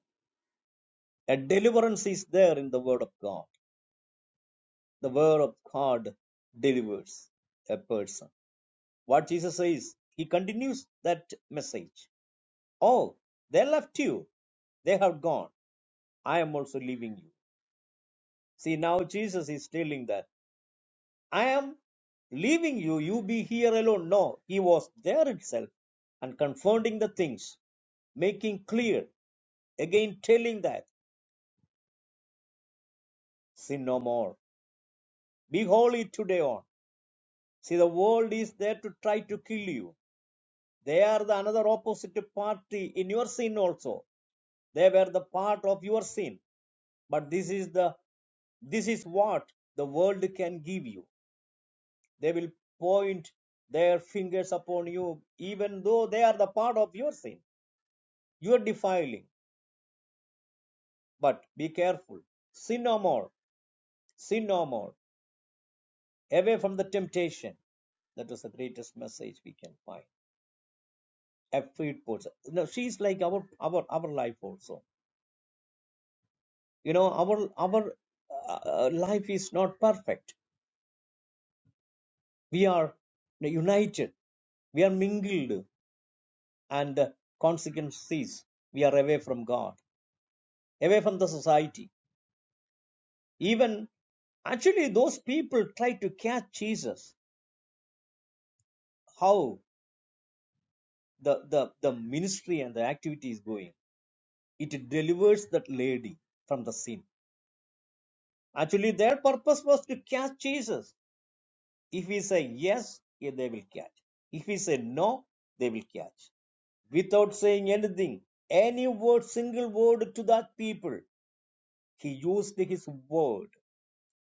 A deliverance is there in the Word of God. The Word of God delivers a person. What Jesus says, he continues that message. Oh, they left you, they have gone. I am also leaving you. See, now Jesus is telling that I am leaving you, you be here alone. No, he was there itself and confounding the things, making clear, again telling that sin no more. Be holy today on. See, the world is there to try to kill you. They are the another opposite party in your sin also. They were the part of your sin. But this is the this is what the world can give you They will point their fingers upon you, even though they are the part of your sin, your defiling. But be careful. Sin no more. Sin no more. Away from the temptation. That was the greatest message we can find. A freed person. No, she's like our our our life also. You know, our our uh, life is not perfect. We are united. We are mingled, and the consequence we are away from God, away from the society. Even actually those people try to catch Jesus. How the, the, the ministry and the activity is going. It delivers that lady from the sin. Actually, their purpose was to catch Jesus. If we say yes, yeah, they will catch. If we say no, they will catch. Without saying anything, any word, single word to that people, he used his word.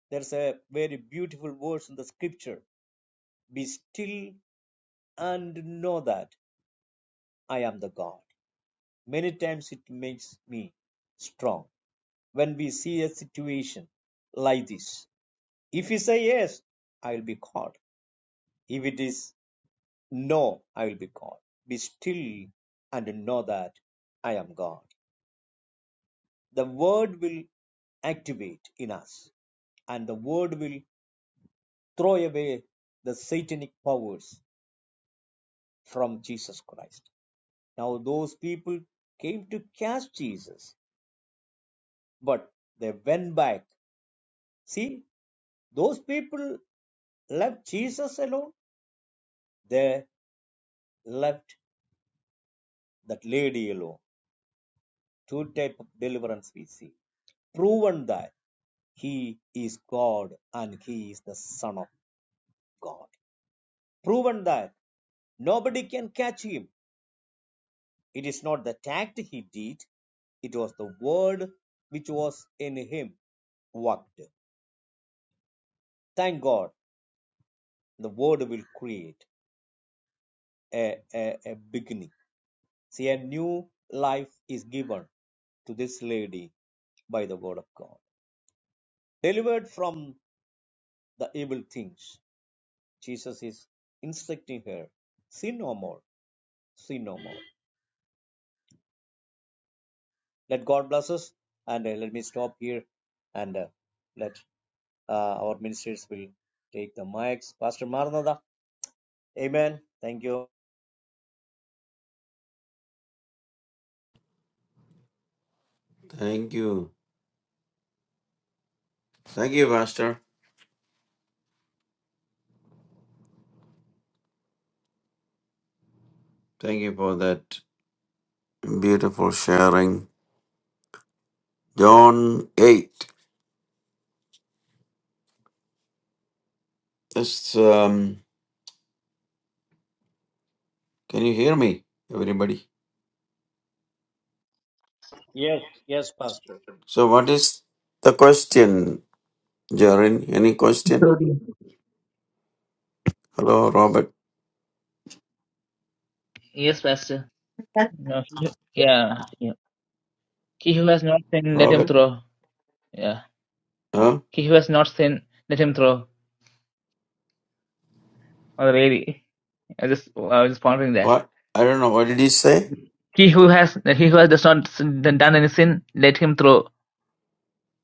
There's a very beautiful verse in the scripture. Be still and know that. I am the God. Many times it makes me strong when we see a situation like this. If we say yes, I will be God. If it is no, I will be God. Be still and know that I am God. The word will activate in us, and the word will throw away the satanic powers from Jesus Christ. Now, those people came to cast Jesus, but they went back. See, Those people left Jesus alone, they left that lady alone. Two type of deliverance we see. Proven that he is God and he is the Son of God. Proven that nobody can catch him. It is not the act he did, it was the word which was in him worked. Thank God, the word will create a, a, a beginning. See, a new life is given to this lady by the word of God. Delivered from the evil things. Jesus is instructing her, sin no more, sin no more. Let God bless us and uh, let me stop here and uh, let uh, our ministers will take the mics. Pastor Maranatha, amen. Thank you.
Thank you. Thank you, Pastor. Thank you for that beautiful sharing. John 8. Yes. um, can you hear me, everybody?
Yes, yes, Pastor.
So, what is the question, Jaren? Any question?
Good,
Hello, Robert.
Yes, Pastor. No, he- yeah, yeah. He who has not sinned, let him
Robert?
throw. Yeah.
Huh?
He who has not sinned, let him throw. Or the lady. I just, I was just pondering that.
What? I don't know. What did he say?
He who has, he who has does not sin- done any sin, let him throw.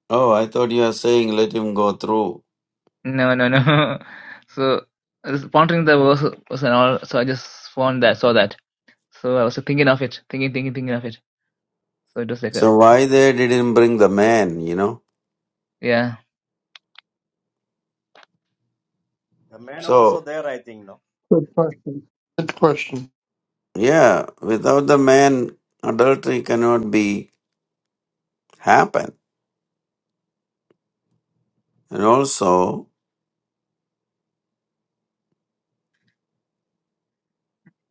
Oh, I thought you were saying let him go through.
No, no, no. so I was pondering the verse verse and all. So I just found that, saw that. So I was thinking of it, thinking, thinking, thinking of it. So it was like a,
So, why they didn't bring the man, you know?
yeah.
The man also
So,
there, I think, no.
good question. Good question.
yeah, without the man, adultery cannot be happen. And also,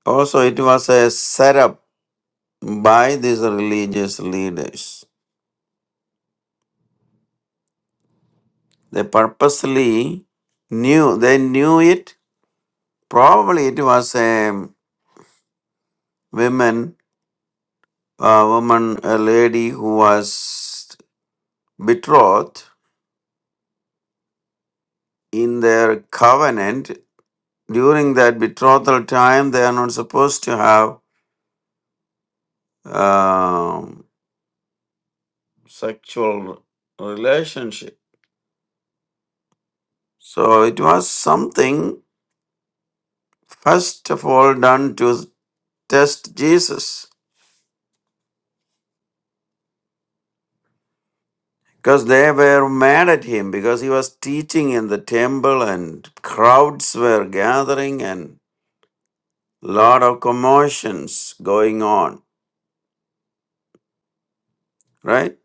also it was a setup by these religious leaders. They purposely knew. They knew it. Probably it was a woman, a woman, a lady who was betrothed in their covenant. During that betrothal time, they are not supposed to have um, sexual relationship. So it was something first of all done to test Jesus. because they were mad at him because he was teaching in the temple and crowds were gathering and lot of commotions going on right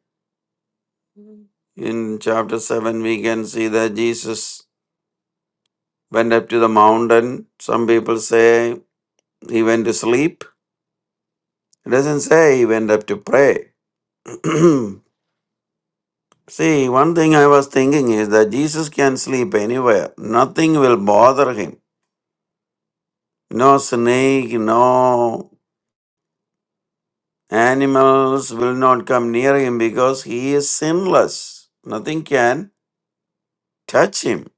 Mhm. in chapter 7 we can see that jesus went up to the mountain some people say he went to sleep it doesn't say he went up to pray see one thing i was thinking is that jesus can sleep anywhere nothing will bother him no snake no Animals will not come near him because he is sinless. Nothing can touch him.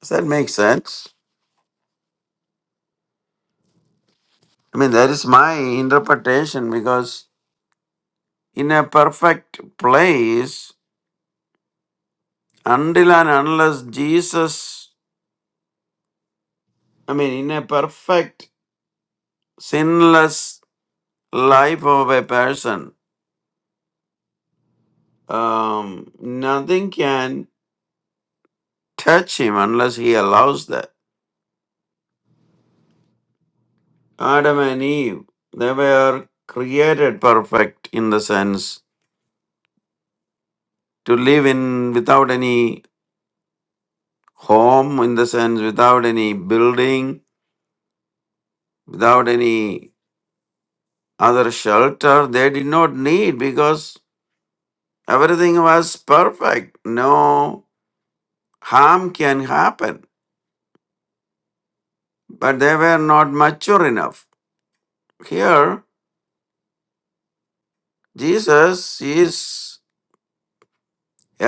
Does that make sense? I mean, that is my interpretation because in a perfect place, until and unless Jesus, I mean, in a perfect, sinless life of a person, um, nothing can touch him unless he allows that. Adam and Eve, they were created perfect in the sense to live in without any home in the sense without any building without any other shelter they did not need because everything was perfect no harm can happen but they were not mature enough here jesus is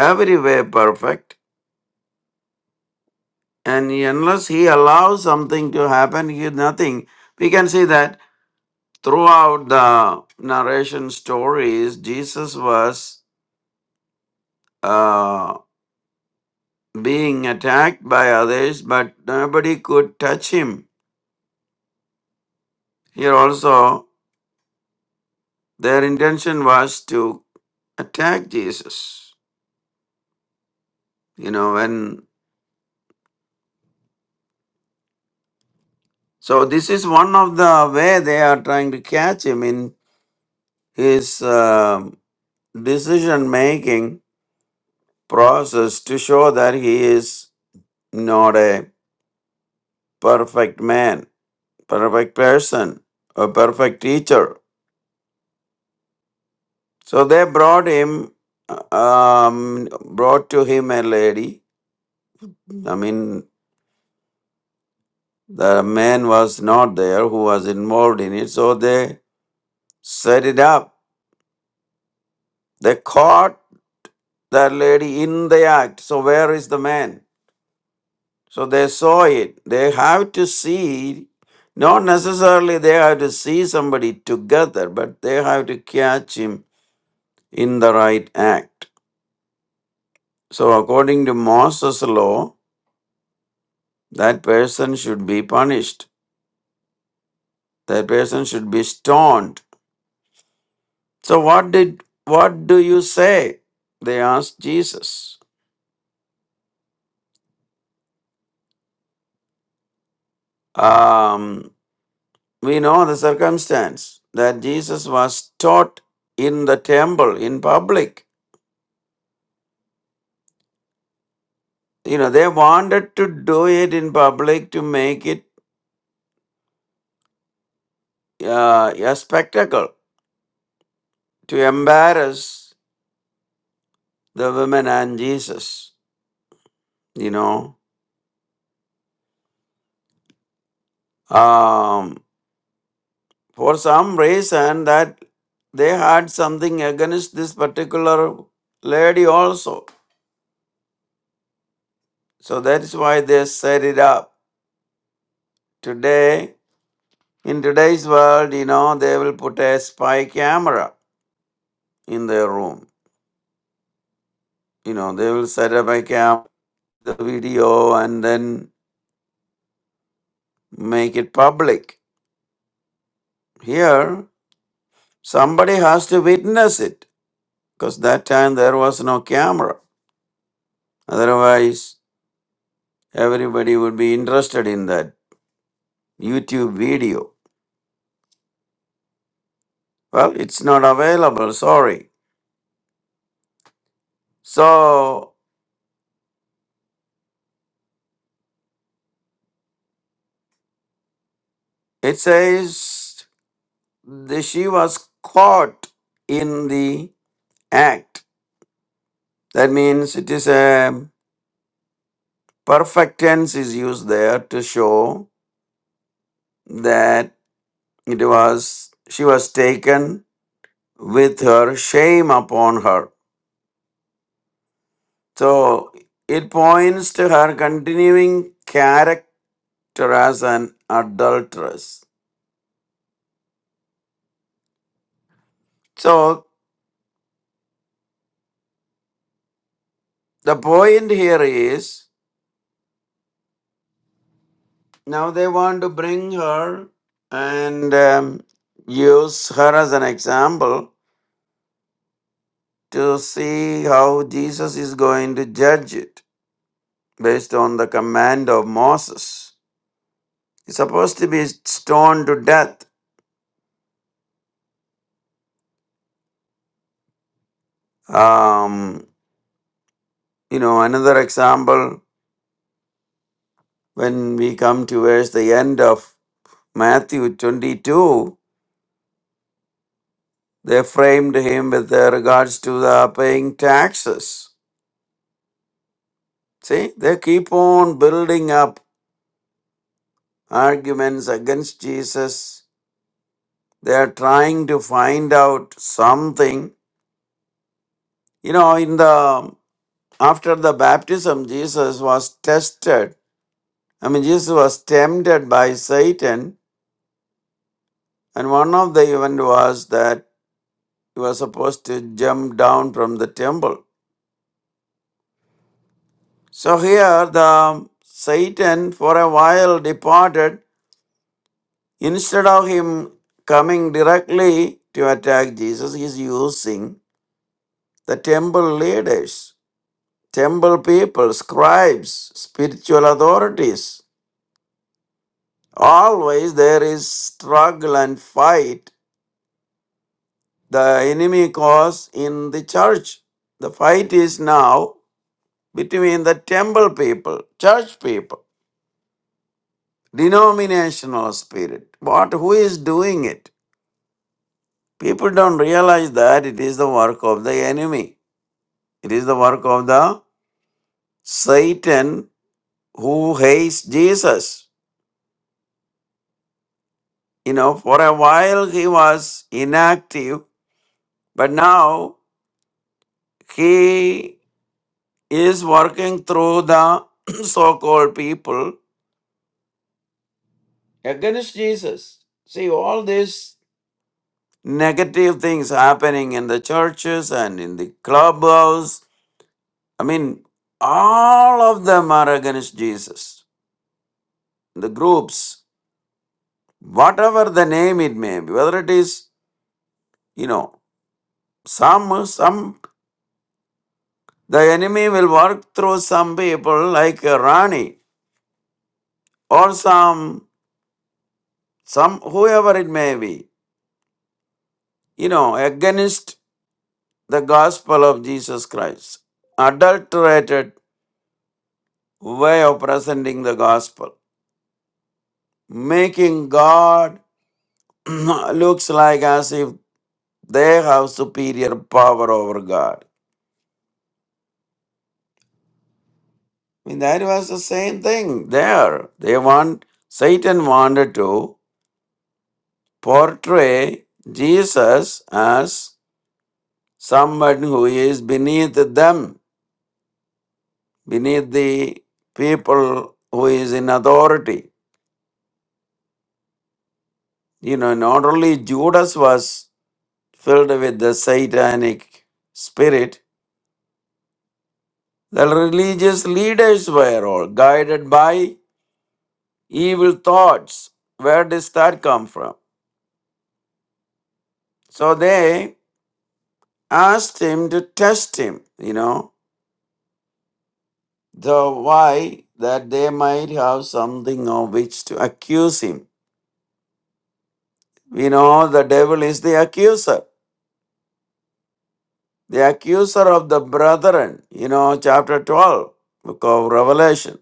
every way perfect and unless he allows something to happen he is nothing we can see that throughout the narration stories, Jesus was uh, being attacked by others, but nobody could touch him. Here also, their intention was to attack Jesus. You know, when so this is one of the way they are trying to catch him in his um decision making process to show that he is not a perfect man perfect person, a perfect teacher. So they brought him, um, brought to him a lady. I mean, the man was not there who was involved in it. So they set it up. They caught that lady in the act. So where is the man? So they saw it. They have to see. Not necessarily they have to see somebody together, but they have to catch him in the right act. So, according to Moses' law, that person should be punished. That person should be stoned. So, what did what do you say? They asked Jesus. Um, we know the circumstance that Jesus was taught in the temple in public. You know, they wanted to do it in public to make it uh, a spectacle, to embarrass the women and Jesus. You know, um, For some reason that they had something against this particular lady also. So that's why they set it up. Today, in today's world, you know, they will put a spy camera in their room. You know, they will set up a cam, the video, and then make it public. Here, somebody has to witness it because that time there was no camera. Otherwise, everybody would be interested in that YouTube video. Well, it's not available, sorry. So it says the, she was caught in the act. That means it is a perfect tense is used there to show that it was she was taken with her shame upon her. So it points to her continuing character as an adulteress. So The point here is now they want to bring her and um, use her as an example to see how Jesus is going to judge it based on the command of Moses. He's supposed to be stoned to death. Um, you know, another example when we come towards the end of Matthew 22, they framed him with regards to the paying taxes See, they keep on building up arguments against Jesus. They are trying to find out something. You know, in the after the baptism, Jesus was tested. I mean, Jesus was tempted by Satan, and one of the event was that he was supposed to jump down from the temple. So here, the Satan for a while departed Instead of him coming directly to attack Jesus, he is using the temple leaders, temple people, scribes, spiritual authorities. Always there is struggle and fight the enemy cause in the church. The fight is now between the temple people, church people, denominational spirit. What who is doing it? People don't realize that it is the work of the enemy. It is the work of the Satan who hates Jesus. You know, for a while he was inactive, but now he is working through the so called people against Jesus. See, all these negative things happening in the churches and in the clubhouse. I mean, all of them are against Jesus. The groups, whatever the name it may be, whether it is you know, some some the enemy will work through some people like uh, Rani or some some whoever it may be, you know, against the gospel of Jesus Christ, adulterated way of presenting the gospel, making God looks like as if they have superior power over God. I mean, that was the same thing there. They want Satan wanted to. portray Jesus as someone who is beneath them, beneath the people who is in authority. You know, not only Judas was filled with the satanic spirit, the religious leaders were all guided by evil thoughts. Where does that come from? So they asked him to test him, you know, the why that they might have something of which to accuse him we know the devil is the accuser the accuser of the brethren you know chapter 12 book of revelation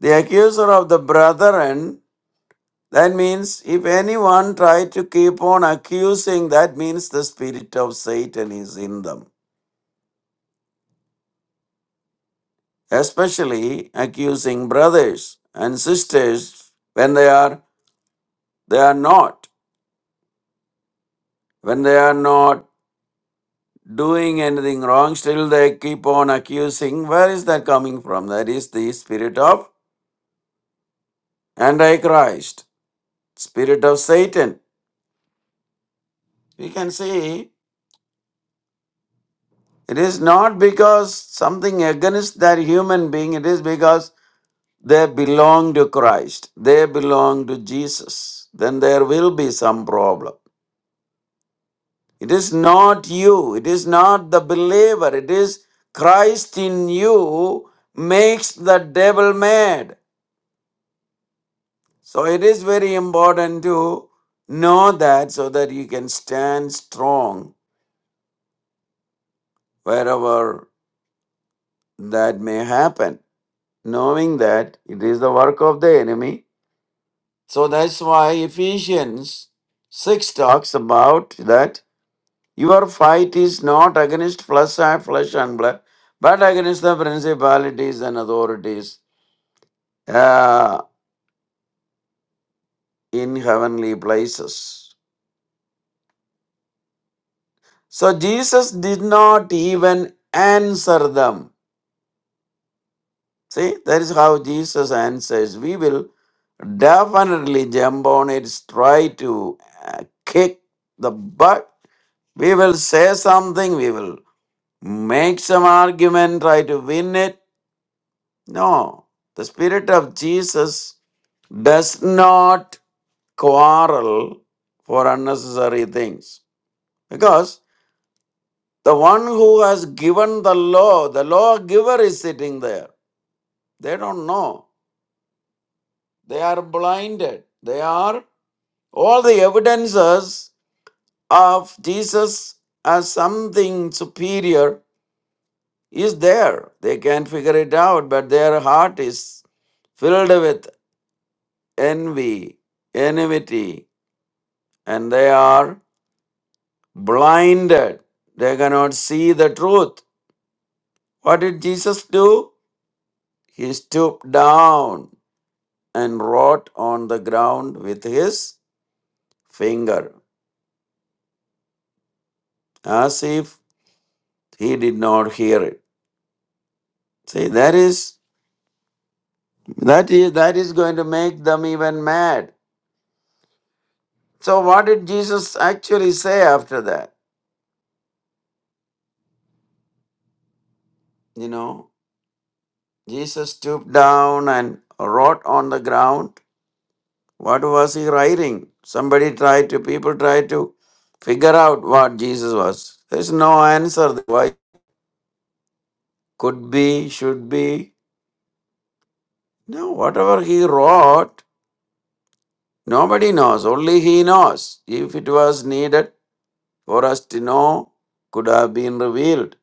the accuser of the brethren that means if anyone try to keep on accusing that means the spirit of satan is in them especially accusing brothers and sisters when they are they are not when they are not doing anything wrong, still they keep on accusing. Where is that coming from? That is the spirit of Antichrist, spirit of Satan. We can see it is not because something against that human being, it is because they belong to Christ, they belong to Jesus. Then there will be some problem. It is not you, it is not the believer, it is Christ in you makes the devil mad. So it is very important to know that so that you can stand strong wherever that may happen, knowing that it is the work of the enemy. So that's why Ephesians 6 talks about that your fight is not against flesh and flesh and blood, but against the principalities and authorities uh, in heavenly places. So Jesus did not even answer them See, that is how Jesus answers. We will definitely jump on it, try to uh, kick the butt. We will say something, we will make some argument, try to win it. No, the Spirit of Jesus does not quarrel for unnecessary things because the one who has given the law, the law giver is sitting there. They don't know. They are blinded. They are All the evidences of Jesus as something superior is there. They can't figure it out, but their heart is filled with envy, enmity, and they are blinded. They cannot see the truth. What did Jesus do? He stooped down and wrote on the ground with his finger as if he did not hear it. See, that is. That is, that is going to make them even mad. So, what did Jesus actually say after that? You know, Jesus stooped down and wrote on the ground. What was he writing? Somebody tried to, people tried to figure out what Jesus was. There's no answer. Why could be, should be. No, whatever he wrote, nobody knows. Only he knows. If it was needed for us to know, could have been revealed.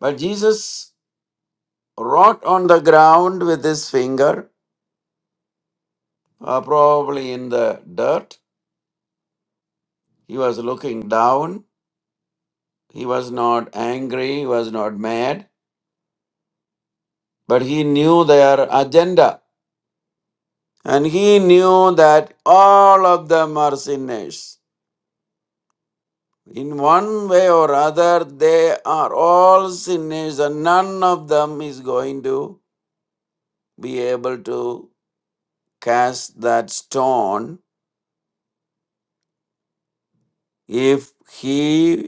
But Jesus Wrote on the ground with his finger, uh, probably in the dirt. He was looking down. He was not angry. He was not mad. But he knew their agenda. And he knew that all of them are sinners. In one way or other, they are all sinners, and none of them is going to be able to cast that stone if he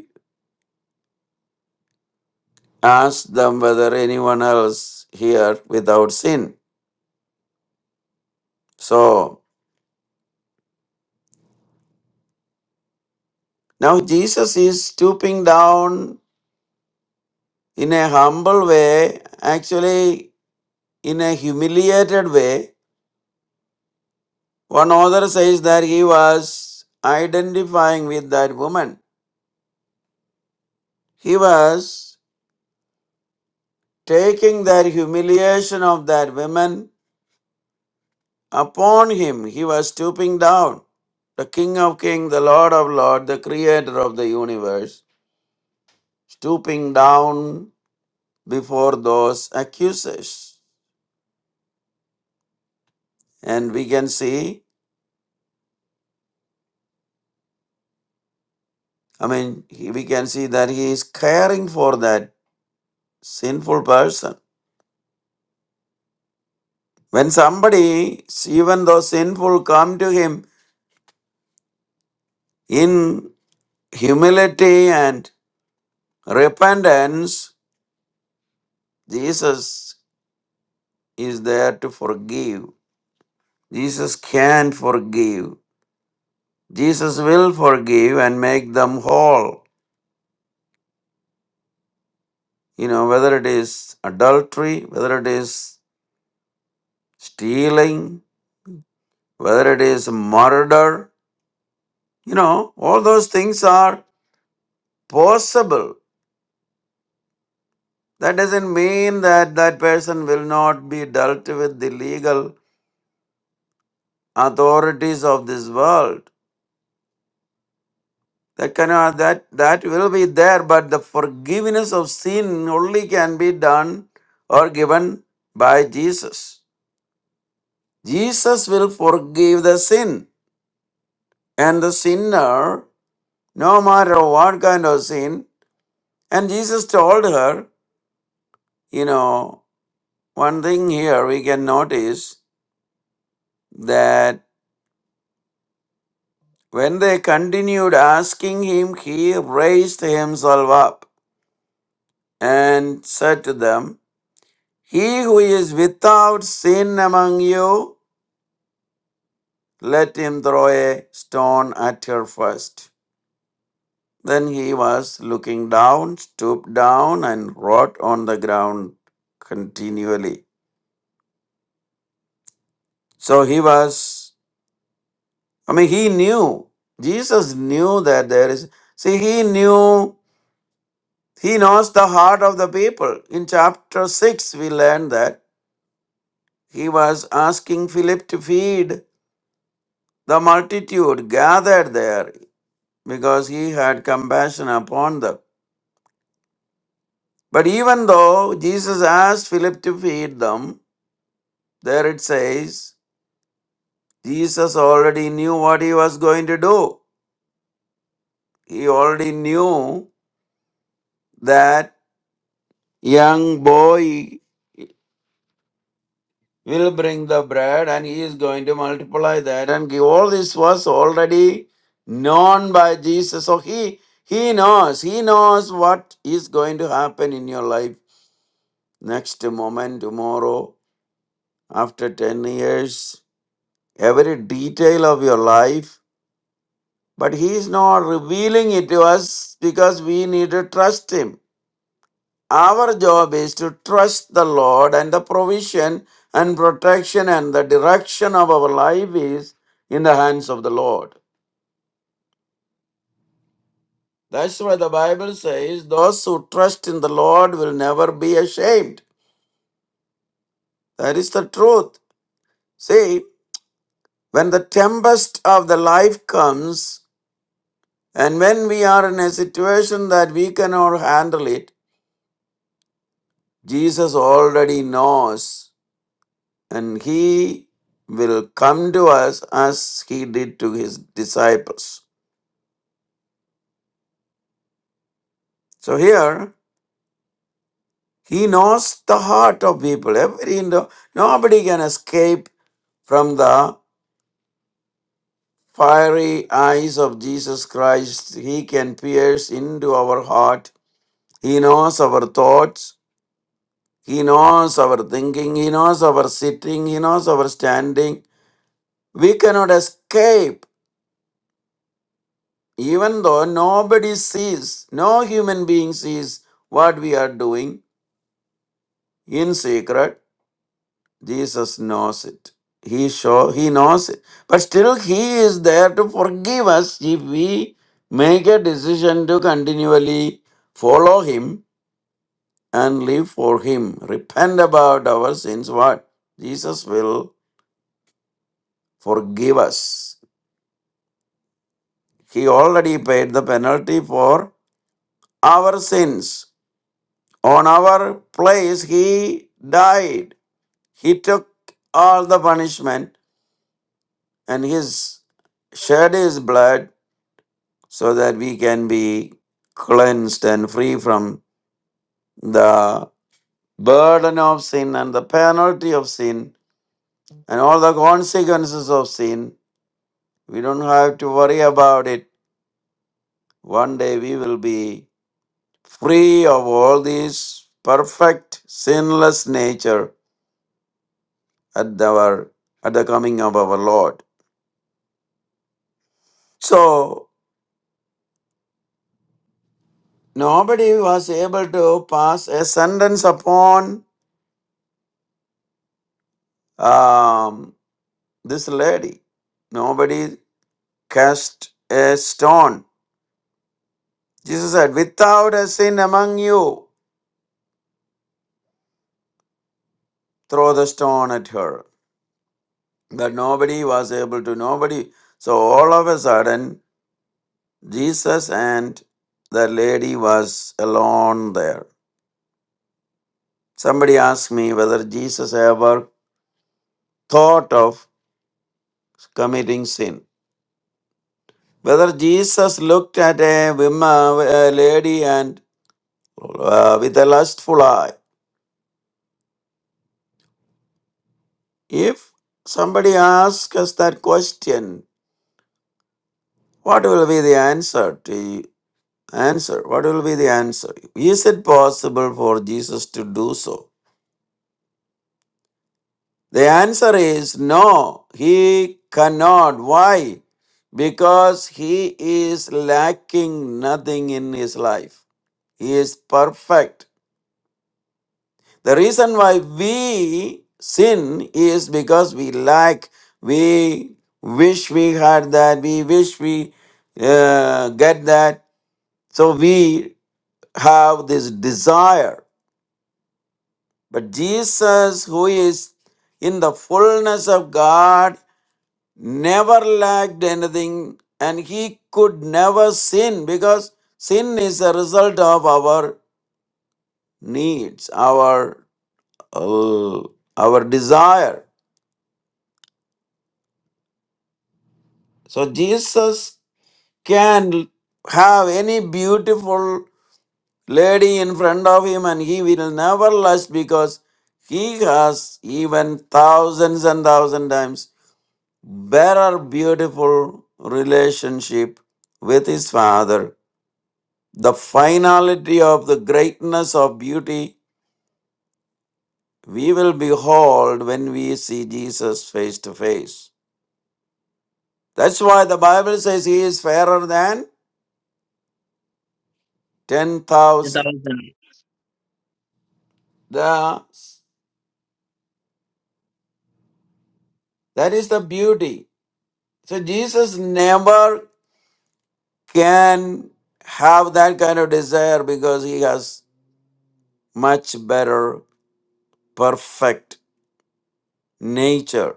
ask them whether anyone else here without sin. So now Jesus is stooping down in a humble way, actually in a humiliated way. One author says that he was identifying with that woman. He was taking that humiliation of that woman upon him. He was stooping down. The King of Kings, the Lord of Lords, the Creator of the universe, stooping down before those accusers. And we can see, I mean, he- we can see that he is caring for that sinful person. When somebody, even though sinful, come to him in humility and repentance, Jesus is there to forgive. Jesus can forgive. Jesus will forgive and make them whole. You know, whether it is adultery, whether it is stealing, whether it is murder, you know, all those things are possible. That doesn't mean that that person will not be dealt with the legal authorities of this world. That cannot, that that will be there, but the forgiveness of sin only can be done or given by Jesus. Jesus will forgive the sin and the sinner, no matter what kind of sin. And Jesus told her, you know One thing here we can notice that when they continued asking him, he raised himself up and said to them, He who is without sin among you, let him throw a stone at her first." Then he was looking down, stooped down, and wrote on the ground continually. So he was, I mean, he knew, Jesus knew that there is, see, he knew He knows the heart of the people. In chapter 6, we learn that he was asking Philip to feed the multitude gathered there because he had compassion upon them. But even though Jesus asked Philip to feed them, there it says, Jesus already knew what he was going to do. He already knew that young boy will bring the bread and he is going to multiply that and give all this was already known by jesus so he he knows he knows what is going to happen in your life next moment tomorrow after 10 years every detail of your life but he is not revealing it to us because we need to trust him Our job is to trust the Lord and the provision and protection and the direction of our life is in the hands of the Lord. That's why the Bible says, Those who trust in the Lord will never be ashamed. That is the truth. See, when the tempest of the life comes, and when we are in a situation that we cannot handle it, Jesus already knows and he will come to us as he did to his disciples. So here, he knows the heart of people. Every Indo- nobody can escape from the fiery eyes of Jesus Christ. He can pierce into our heart. He knows our thoughts. He knows our thinking. He knows our sitting. He knows our standing. We cannot escape Even though nobody sees, no human being sees what we are doing in secret, Jesus knows it. He show he knows it. But still he is there to forgive us if we make a decision to continually follow him and live for him. Repent about our sins. What? Jesus will forgive us. He already paid the penalty for our sins. On our place, he died. He took all the punishment and his shed his blood so that we can be cleansed and free from the burden of sin and the penalty of sin and all the consequences of sin. We don't have to worry about it. One day we will be free of all these perfect sinless nature at our at the coming of our Lord. So nobody was able to pass a sentence upon um, this lady. Nobody cast a stone. Jesus said, without a sin among you, throw the stone at her. But nobody was able to, nobody. So all of a sudden, Jesus and the lady was alone there. Somebody asked me whether Jesus ever thought of committing sin. Whether Jesus looked at a woman, a lady, and uh, with a lustful eye. If somebody asks us that question, what will be the answer to answer? What will be the answer? Is it possible for Jesus to do so? The answer is no. He cannot. Why? Because he is lacking nothing in his life. He is perfect. The reason why we sin is because we lack, we wish we had that, we wish we uh, get that. So we have this desire. But Jesus, who is in the fullness of God, never lacked anything and he could never sin because sin is a result of our needs, our, uh, our desire. So Jesus can have any beautiful lady in front of him and he will never lust because he has even thousands and thousand times better beautiful relationship with his father. The finality of the greatness of beauty we will behold when we see Jesus face to face. That's why the Bible says he is fairer than
That
10,000.
was the-
The That is the beauty. So Jesus never can have that kind of desire because he has much better perfect nature.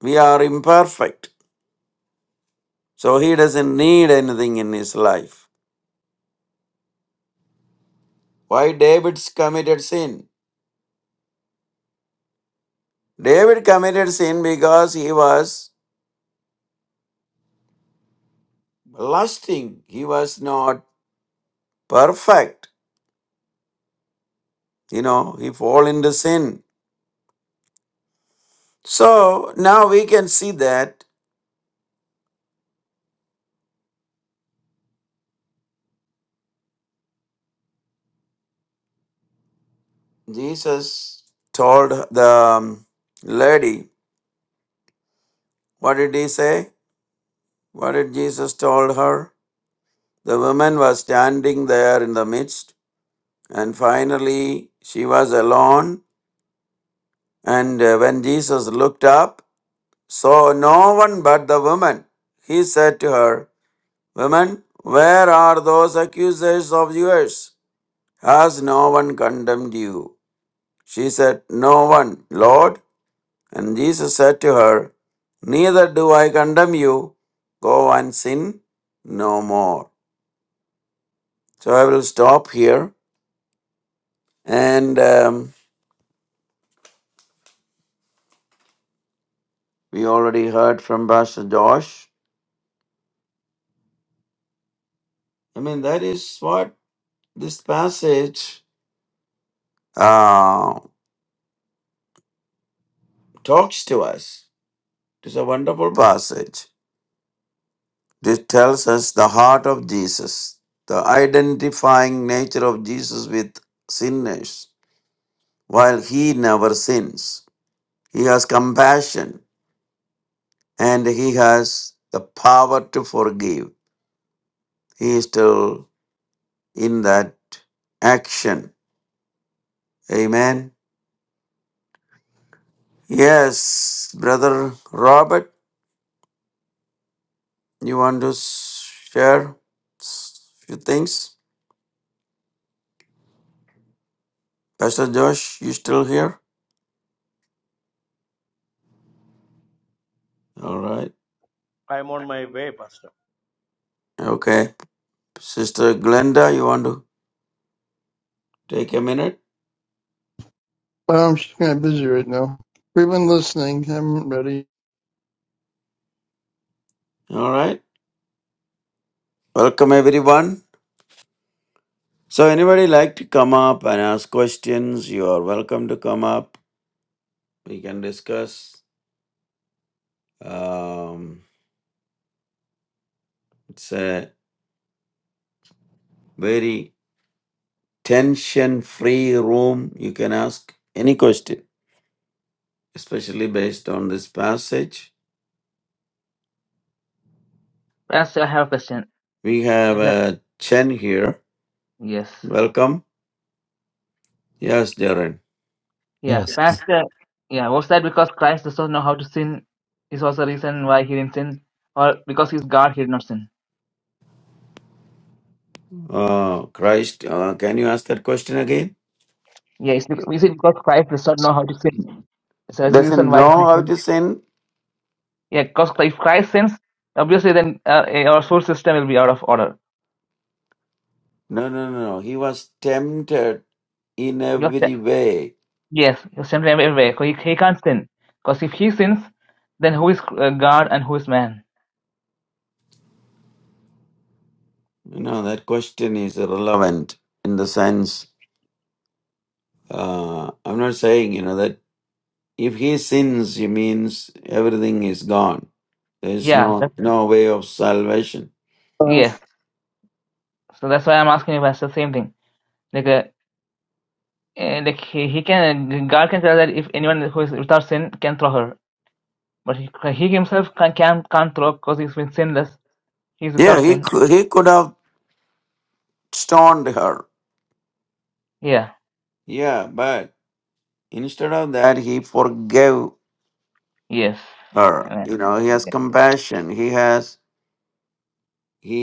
We are imperfect. So he doesn't need anything in his life. Why David's committed sin? David committed sin because he was lusting. He was not perfect. You know, he fall into sin. So now we can see that Jesus told the um, lady, what did he say? What did Jesus told her? The woman was standing there in the midst, and finally she was alone. And uh, when Jesus looked up, saw no one but the woman. He said to her, Woman, where are those accusers of yours? Has no one condemned you? She said, No one, Lord. And Jesus said to her, Neither do I condemn you. Go and sin no more. So I will stop here. And um, we already heard from Pastor Josh. I mean, that is what this passage uh, talks to us. It is a wonderful passage. It tells us the heart of Jesus, the identifying nature of Jesus with sinners, while he never sins. He has compassion and he has the power to forgive. He is still in that action. Amen. Yes, brother Robert, you want to s- share s- few things? Pastor Josh, you still here? All right.
I'm on my way, Pastor.
Okay. Sister Glenda, you want to take a minute?
Well, I'm just kind of busy right now. We've been listening. I'm ready.
All right. Welcome everyone. So anybody like to come up and ask questions? You are welcome to come up. We can discuss. Um, It's a very tension free room. You can ask any question, especially based on this passage.
Pastor, I have a question.
We have
Like that.
uh, Chen here.
Yes.
Welcome. Yes, Darren.
Yeah,
Yes.
Yes.
Pastor. Yeah, was that because Christ does not know how to sin? Is also the reason why he didn't sin, or because he's God, he did not sin.
Oh, Christ. Uh, can you ask that question again?
Yeah, is it, is it because Christ does not know how to sin? So that's the
Doesn't
reason why
know
he
how
sinned.
to sin?
Yeah, because if Christ sins, obviously then uh, eh, our soul system will be out of order.
No, no, no, no. He was tempted in
Your sta-
every way.
yes, your standard everywhere. He, he can't sin because if he sins, then who is uh, God and who is man?
You know, that question is relevant in the sense, uh, I'm not saying, you know, that If he sins, he means everything is gone. There is
Yeah,
no
that's,
no way of salvation.
Uh,
yes. So that's why I'm asking you, Pastor, same thing. Like, uh, uh, like he, he can God can tell that if anyone who is without sin can throw her, but he, he himself can, can can't throw because he's been sinless. He's
Yeah,
without
he
sin.
could, he could have stoned her.
Yeah.
Yeah, but instead of that, he forgave
Yes.
Her,
Amen.
you know, he has
Yeah.
compassion. He has he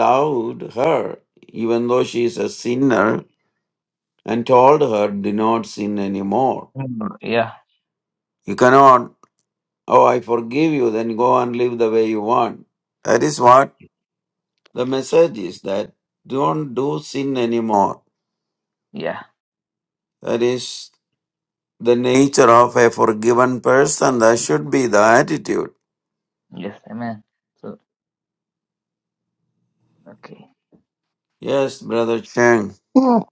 loved her even though she is a sinner and told her do not sin anymore
Mm, yeah.
you cannot. oh i forgive you then go and live the way you want That is what. The message is that don't do sin anymore.
Yeah.
That is the nature of a forgiven person. That should be the attitude.
Yes. Amen. So okay.
Yes, Brother Chang.
oh,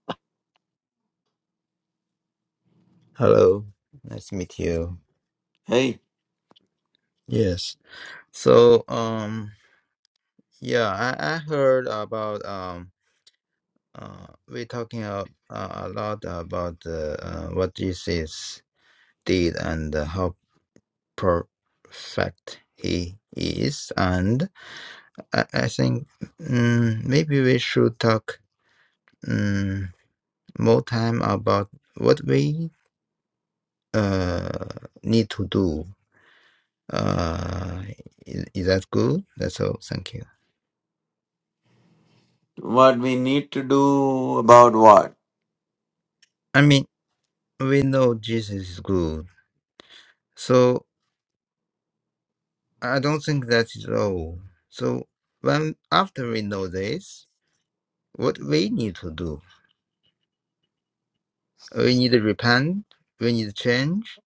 Hello. Nice to meet you.
Hey,
Yes. So, um, yeah, I, I heard about um, uh, we're talking a, uh, a lot about uh, uh, what Jesus did and uh, how perfect he is, and I, I think mm maybe we should talk mm more time about what we uh need to do. Uh, is, is that good? That's all. Thank you.
what we need to do about what?
I mean, we know Jesus is good, so I don't think that is all. So when after we know this, what we need to do? We need to repent. We need to change.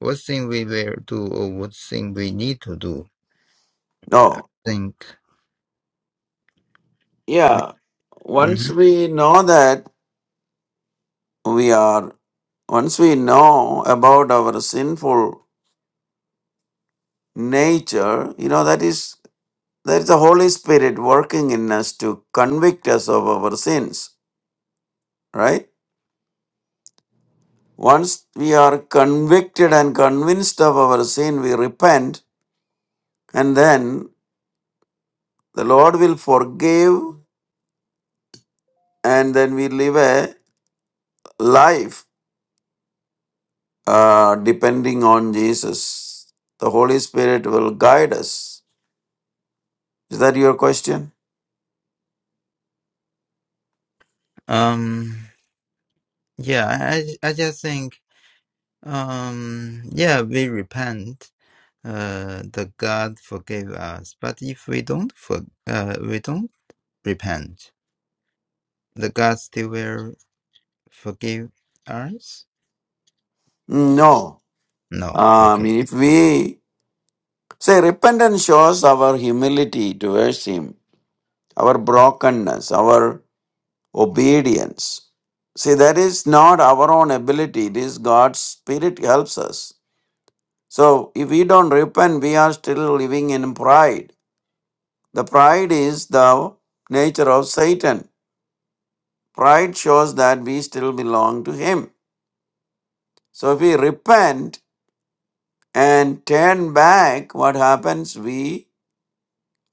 What thing we will do, or what thing we need to do?
No.
Think.
Yeah.
hmm
Once we know that we are, once we know about our sinful nature, you know, that is, there is the Holy Spirit working in us to convict us of our sins, right? Once we are convicted and convinced of our sin, we repent, and then the Lord will forgive, and then we live a life uh, depending on Jesus. The Holy Spirit will guide us. Is that your question?
Um. Yeah. I. I I just think. Um. Yeah. We repent. Uh. The God forgave us, but if we don't for. Uh. We don't repent. the gods they will forgive us?
No.
No.
I
Okay.
mean, if we say repentance shows our humility towards Him, our brokenness, our obedience. See, that is not our own ability, it is God's Spirit helps us. So, if we don't repent, we are still living in pride. The pride is the nature of Satan. Pride shows that we still belong to him. So, if we repent and turn back, what happens? We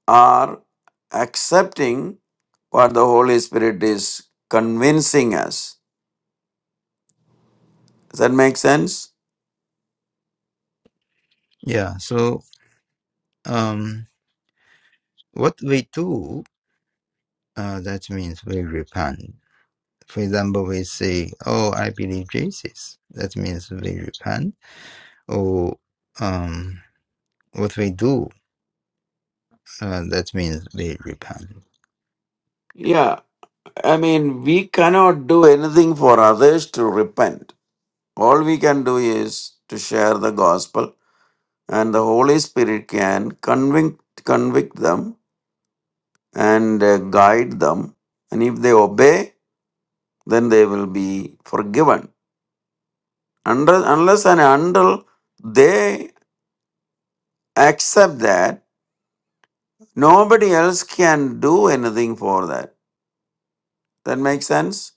are accepting what the Holy Spirit is convincing us. Does that make sense?
Yeah. So um, what we do, uh, that means we repent. For example, we say, "Oh, I believe Jesus." That means we repent. Or um, what we do, uh, that means we repent.
I mean, we cannot do anything for others to repent. All we can do is to share the gospel, and the Holy Spirit can convict, convict them and uh, guide them. And if they obey, then they will be forgiven. Unless, unless and until they accept that, nobody else can do anything for that. That makes sense?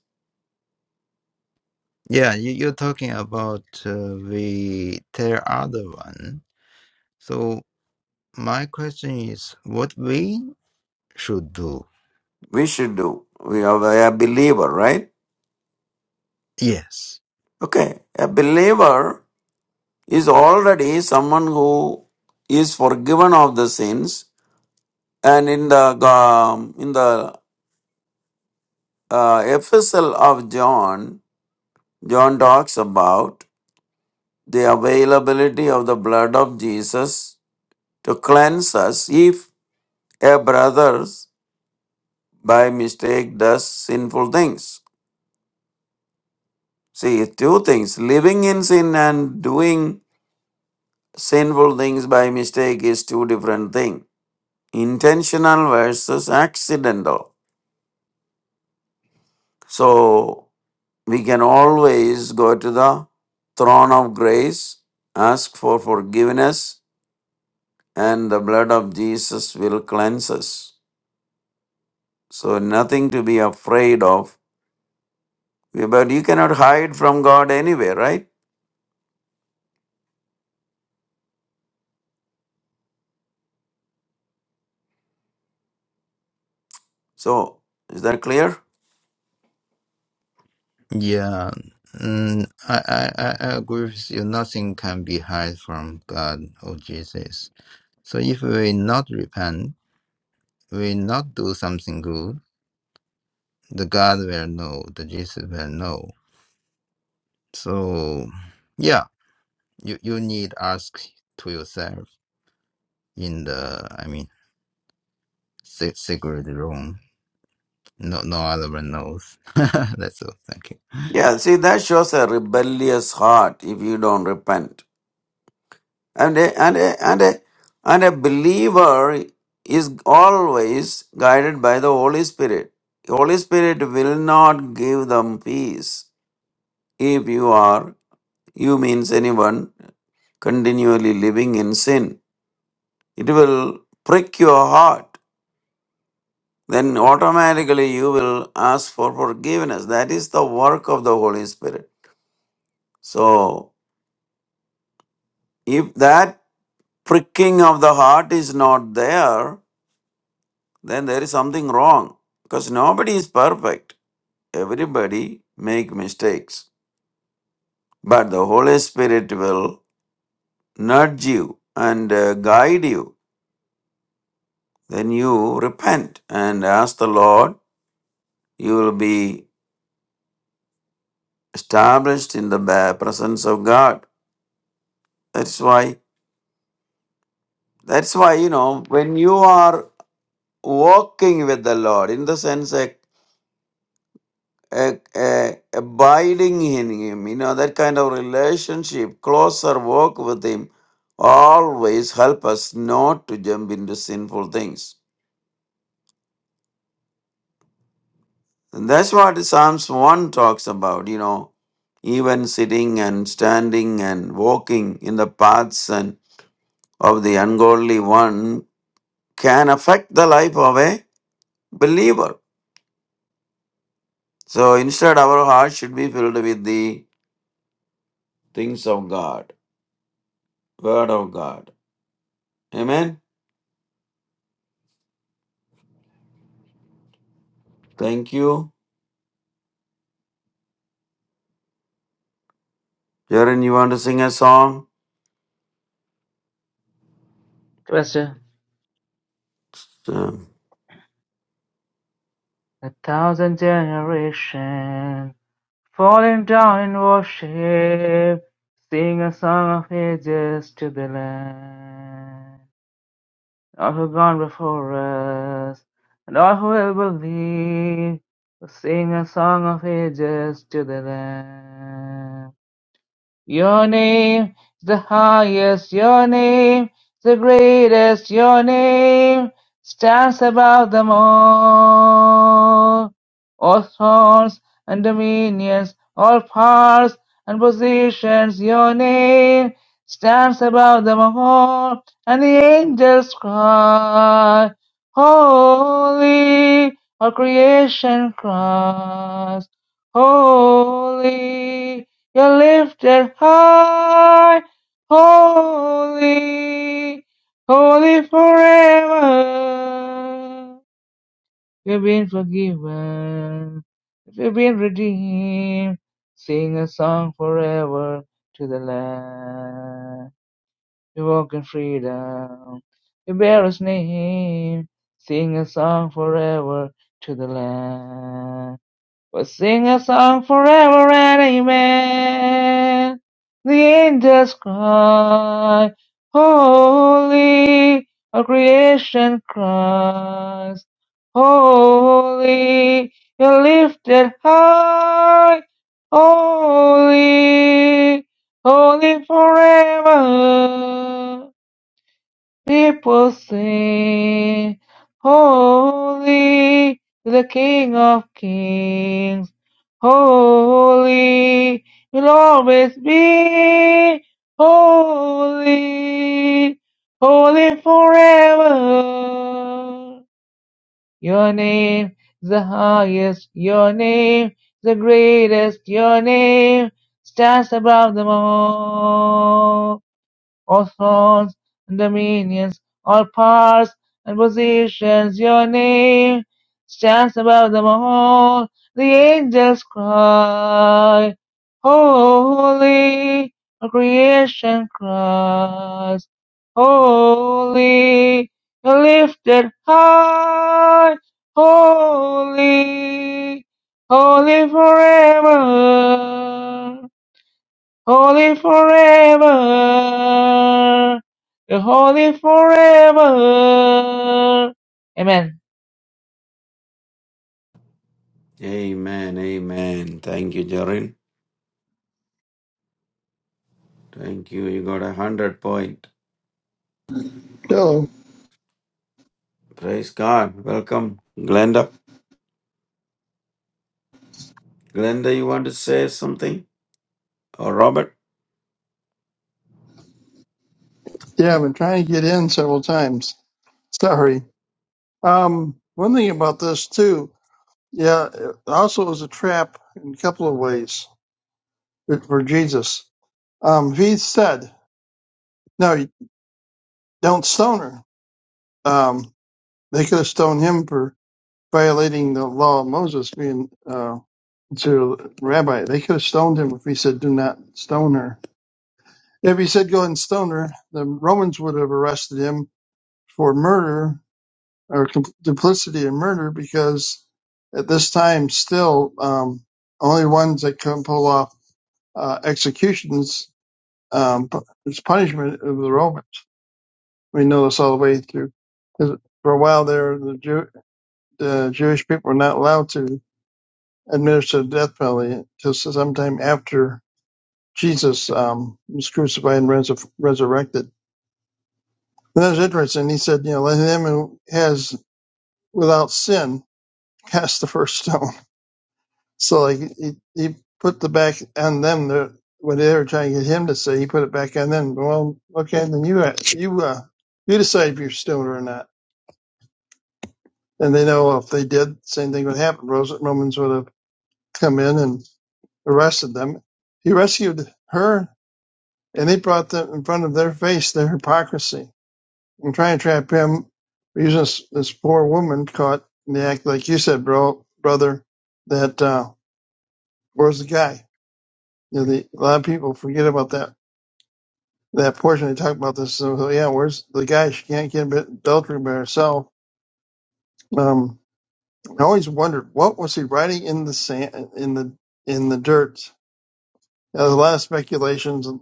Yeah, you, you're talking about uh, the third other one. So my question is, what we should do?
We should do. We are a believer, right?
Yes.
Okay, a believer is already someone who is forgiven of the sins and in the um, in the uh, epistle of john john talks about the availability of the blood of jesus to cleanse us if a brother by mistake does sinful things see two things living in sin and doing sinful things by mistake is two different things intentional versus accidental So we can always go to the throne of grace, ask for forgiveness, and the blood of Jesus will cleanse us. So nothing to be afraid of. But you cannot hide from God anywhere, right? So is that clear?
Yeah. Mm, I, I, I I agree with you. Nothing can be hid from God or Jesus. So if we not repent, we not do something good, the God will know, the Jesus will know. So yeah, you, you need ask to yourself in the I mean. Sig- Sigurd Rome. No, no other one knows. That's all. Thank you.
Yeah, see, that shows a rebellious heart if you don't repent. And a, and a, and a, and a believer is always guided by the Holy Spirit. Holy Spirit will not give them peace if you are, you means anyone, continually living in sin. It will prick your heart. Then automatically you will ask for forgiveness. That is the work of the Holy Spirit. So if that pricking of the heart is not there, then there is something wrong because nobody is perfect everybody make mistakes but the holy spirit will nudge you and uh, guide you then you repent and ask the lord you will be established in the ba- presence of god that's why that's why you know when you are walking with the lord in the sense a uh, uh, abiding in Him, you know, that kind of relationship, closer walk with Him, always help us not to jump into sinful things. And that's what Psalms 1 talks about, you know, even sitting and standing and walking in the paths and of the ungodly one can affect the life of a believer. So instead, our heart should be filled with the things of God, Word of God. Amen. Thank you. Jaren, you want to sing a song?
Question.
So,
A thousand generations falling down in worship, sing a song of ages to the Lamb. all who gone before us, and all who will believe, will sing a song of ages to the Lamb. Your name is the highest, your name is the greatest, your name stands above them all. All thrones and dominions, all powers and positions, your name stands above them all. And the angels cry, Holy, all creation cries, Holy you're lifted high, holy, holy forever. You've been forgiven, you've been redeemed. Sing a song forever to the Lamb. You walk in freedom, you bear His name. Sing a song forever to the Lamb. We'll sing a song forever and amen. The angels cry, holy, all creation cries, holy, you're lifted high, holy, holy forever. People sing, Holy, is the King of Kings. Holy, will always be. Holy, holy forever. Your name is the highest. Your name is the greatest. Your name stands above them all. All-thrones and dominions, all powers and positions, your name stands above them all. The angels cry, Holy, all creation cries, Holy, you're lifted high, Holy, holy forever. Holy forever. You're holy forever. Amen.
amen, amen. Thank you, Jaren. Thank you. You got a hundred point.
hello.
Praise God. Welcome, Glenda. Glenda, you want to say something? Or Robert?
Yeah, I've been trying to get in several times. Sorry. Um, one thing about this too. Yeah, it also was a trap in a couple of ways for Jesus. Um, he said, "No, you don't stone her," um, they could have stoned him for violating the law of Moses, being uh, to Rabbi, they could have stoned him if he said, "Do not stone her." If he said, "Go and stone her," the Romans would have arrested him for murder or com- duplicity in murder, because at this time, still, um, only ones that could pull off uh, executions um, pu- is punishment of the Romans. We know this all the way through. 'Cause For a while there, the, Jew- the Jewish people were not allowed to administer the death penalty until sometime after Jesus um, was crucified and res- resurrected. And that's interesting. He said, you know, let him who has without sin cast the first stone. So like he, he put the back on them that what they were trying to get him to say. He put it back on them. Well, okay, then you uh, you uh, you decide if you're stoned or not. And they know if they did, same thing would happen. Ros- Romans would have come in and arrested them. He rescued her, and they brought them in front of their face their hypocrisy and try and trap him using this, this poor woman caught in the act, like you said, bro, brother. That uh, where's the guy? You know, the, a lot of people forget about that that portion. They talk about this. So, so, yeah, where's the guy? She can't get adultery by herself. Um, I always wondered what was he writing in the sand, in the in the dirt. Now, There's a lot of speculations. and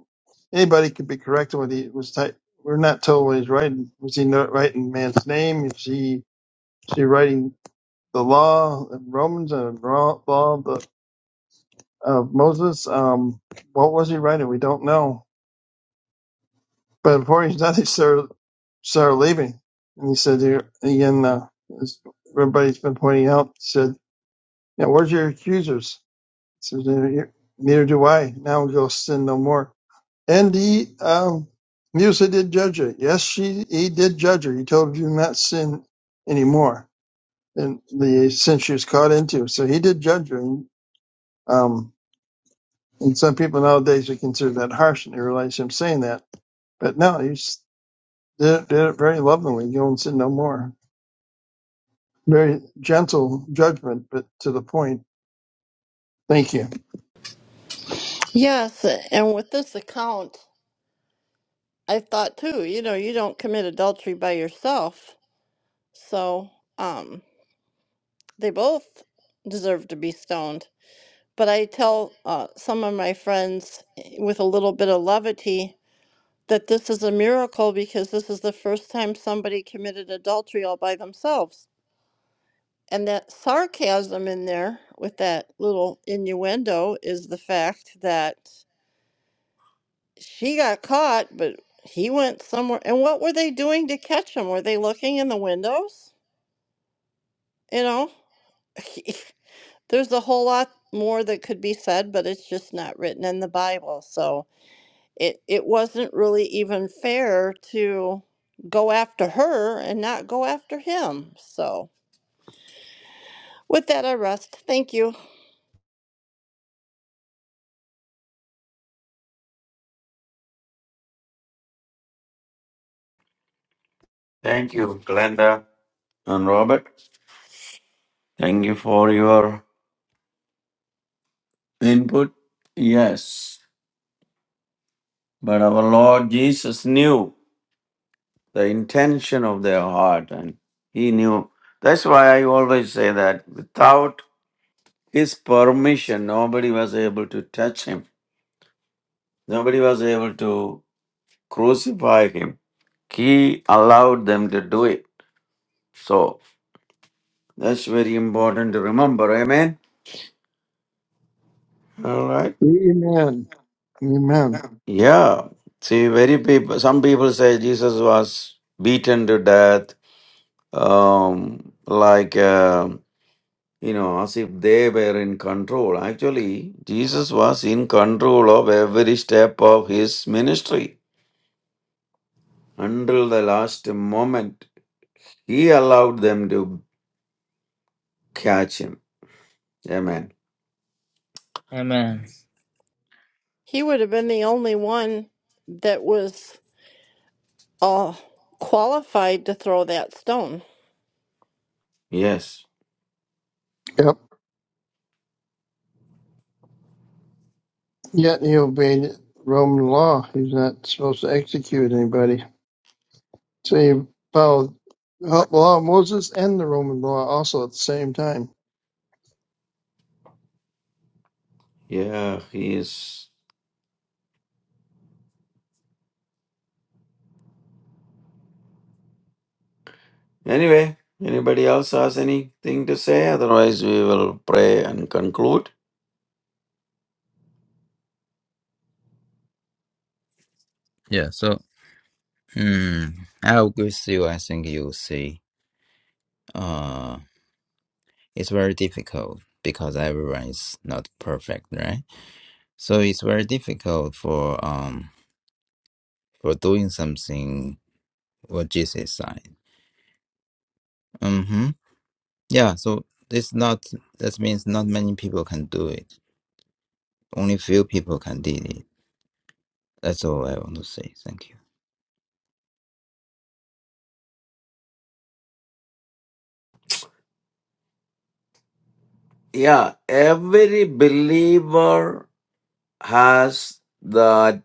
Anybody could be correct in what he was. type. We're not told what he's writing. Was he not writing man's name? Is he? Is he writing? the law in Romans and law, law of the, of Moses. Um, what was he writing? We don't know. But before he died, he started, started leaving. And he said, here again, uh, as everybody's been pointing out, he said, yeah, where's your accusers? He said, neither neither do I. Now go sin no more. And he, um, Musa did judge her. Yes, she, he did judge her. He told her, do not sin anymore. And the sin she was caught into. So he did judge her. Um, And some people nowadays would consider that harsh, and they realize I'm saying that. But no, he s- did, did it very lovingly. You don't sin no more. Very gentle judgment, but to the point. Thank you.
Yes, and with this account, I thought too, you know, you don't commit adultery by yourself. So, um, they both deserve to be stoned. But I tell uh, some of my friends eh, with a little bit of levity that this is a miracle because this is the first time somebody committed adultery all by themselves. And that sarcasm in there with that little innuendo is the fact that she got caught, but he went somewhere. And what were they doing to catch him? Were they looking in the windows? You know, there's a whole lot more that could be said, but it's just not written in the Bible. So it, it wasn't really even fair to go after her and not go after him. So with that, I rest. Thank you.
Thank you, Glenda and Robert. Thank you for your input. Yes. But our Lord Jesus knew the intention of their heart and He knew. That's why I always say that without his permission, nobody was able to touch him. Nobody was able to crucify him. He allowed them to do it. So that's very important to remember. Amen. All right.
Amen. Amen.
Yeah. See, very people. Some people say Jesus was beaten to death, um, like uh, you know, as if they were in control. Actually, Jesus was in control of every step of his ministry until the last moment. He allowed them to catch him. Amen.
Amen.
He would have been the only one that was uh, qualified to throw that stone.
Yes.
Yep. Yet he obeyed Roman law. He's not supposed to execute anybody. So he followed the law of Moses and the Roman law also at the same time.
Yeah, he is. Anyway, anybody else has anything to say? Otherwise, we will pray and conclude.
Yeah. So, hmm, I agree with you. I think you see, uh, it's very difficult because everyone is not perfect, right? So it's very difficult for um for doing something what Jesus said. Mm-hmm. Yeah. So it's not. That means not many people can do it. Only few people can do it. That's all I want to say. Thank you.
Yeah, every believer has that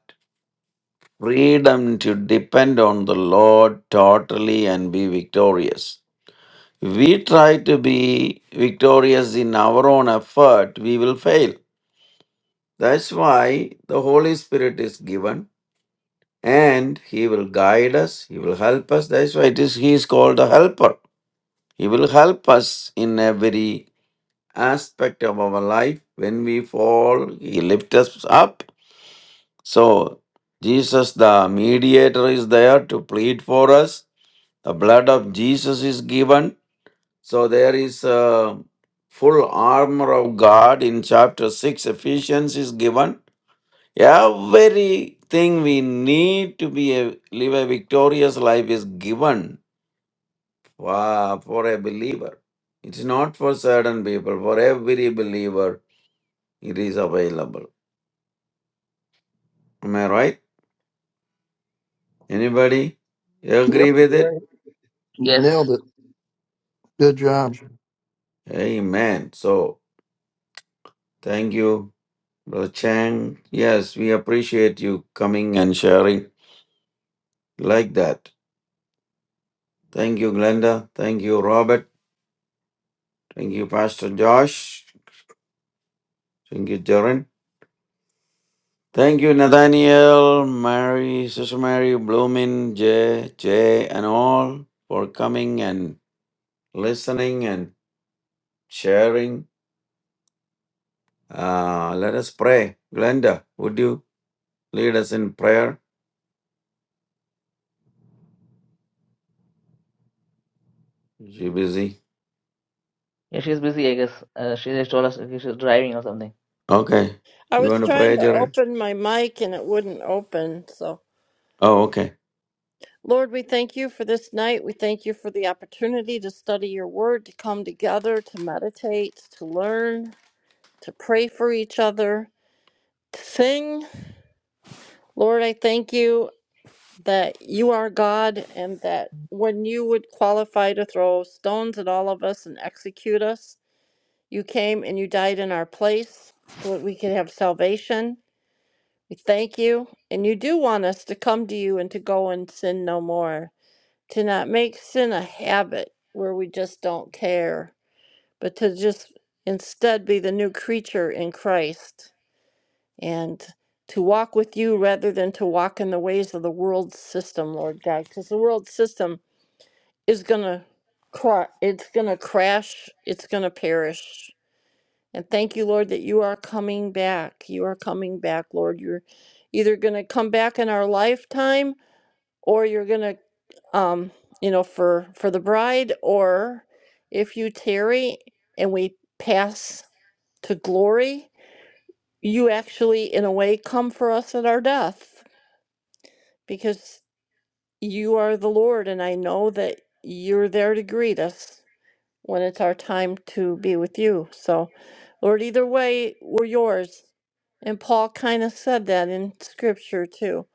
freedom to depend on the Lord totally and be victorious. We try to be victorious in our own effort, we will fail. That's why the Holy Spirit is given and he will guide us he will help us that's why it is he is called the helper he will help us in every aspect of our life when we fall he lifts us up so jesus the mediator is there to plead for us the blood of jesus is given so there is a full armor of god in chapter 6 ephesians is given Everything we need to be a, live a victorious life is given for, for a believer. It's not for certain people. For every believer, it is available. Am I right? Anybody agree
Yep,
with
you're
it?
right. You
Yes.
nailed it. Good job.
Amen. So thank you, Brother Chang. Yes, we appreciate you coming and sharing like that. Thank you, Glenda. Thank you, Robert. Thank you, Pastor Josh. Thank you, Jaren. Thank you, Nathaniel, Mary, Sister Mary, Bloomin, Jay, Jay, and all for coming and listening and sharing. Uh, let us pray. Glenda, would you lead us in prayer? She busy.
Yeah, she's busy, I guess. Uh, she just told us okay, she's driving or something.
Okay.
I
You
was
want to
trying
pray,
to
Jared?
open my mic and it wouldn't open. So,
Oh, okay.
Lord, we thank you for this night. We thank you for the opportunity to study your word, to come together, to meditate, to learn, to pray for each other, to sing. Lord, I thank you that you are God and that when you would qualify to throw stones at all of us and execute us, you came and you died in our place so that we could have salvation. We thank you, and you do want us to come to you and to go and sin no more, to not make sin a habit where we just don't care, but to just instead be the new creature in Christ and to walk with you rather than to walk in the ways of the world system, Lord God, because the world system is going to cr- it's going to crash, it's going to perish. And thank you, Lord, that you are coming back. You are coming back, Lord. You're either going to come back in our lifetime or you're going to um, you know, for for the bride or if you tarry and we pass to glory, you actually in a way come for us at our death because you are the Lord and I know that you're there to greet us when it's our time to be with you. So, Lord, either way, we're yours. And Paul kind of said that in scripture too.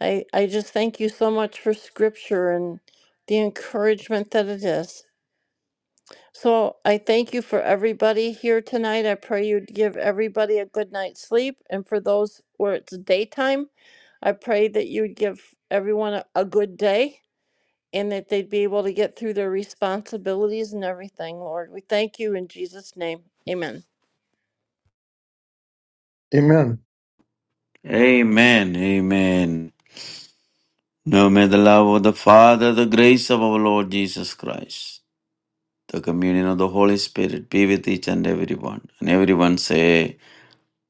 I, I just thank you so much for scripture and the encouragement that it is. So I thank you for everybody here tonight. I pray you would give everybody a good night's sleep. And for those where it's daytime, I pray that you'd give everyone a, a good day and that they'd be able to get through their responsibilities and everything, Lord. We thank you in Jesus' name. Amen.
Amen.
Amen. Amen. Now may the love of the Father, the grace of our Lord Jesus Christ, the communion of the Holy Spirit be with each and everyone. And everyone say,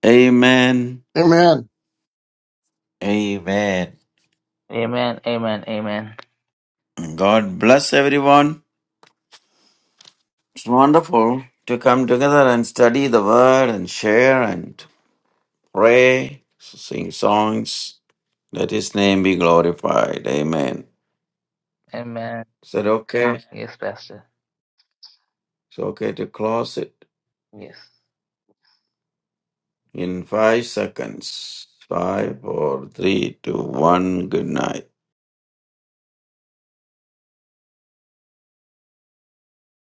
Amen.
Amen.
Amen.
Amen. Amen. Amen.
God bless everyone. It's wonderful to come together and study the word and share and pray, sing songs. Let his name be glorified. Amen.
Amen.
Is it
Amen.
okay?
Yes, Pastor.
It's okay to close it
Yes.
in five seconds. Five, four, three, two, one. Good night.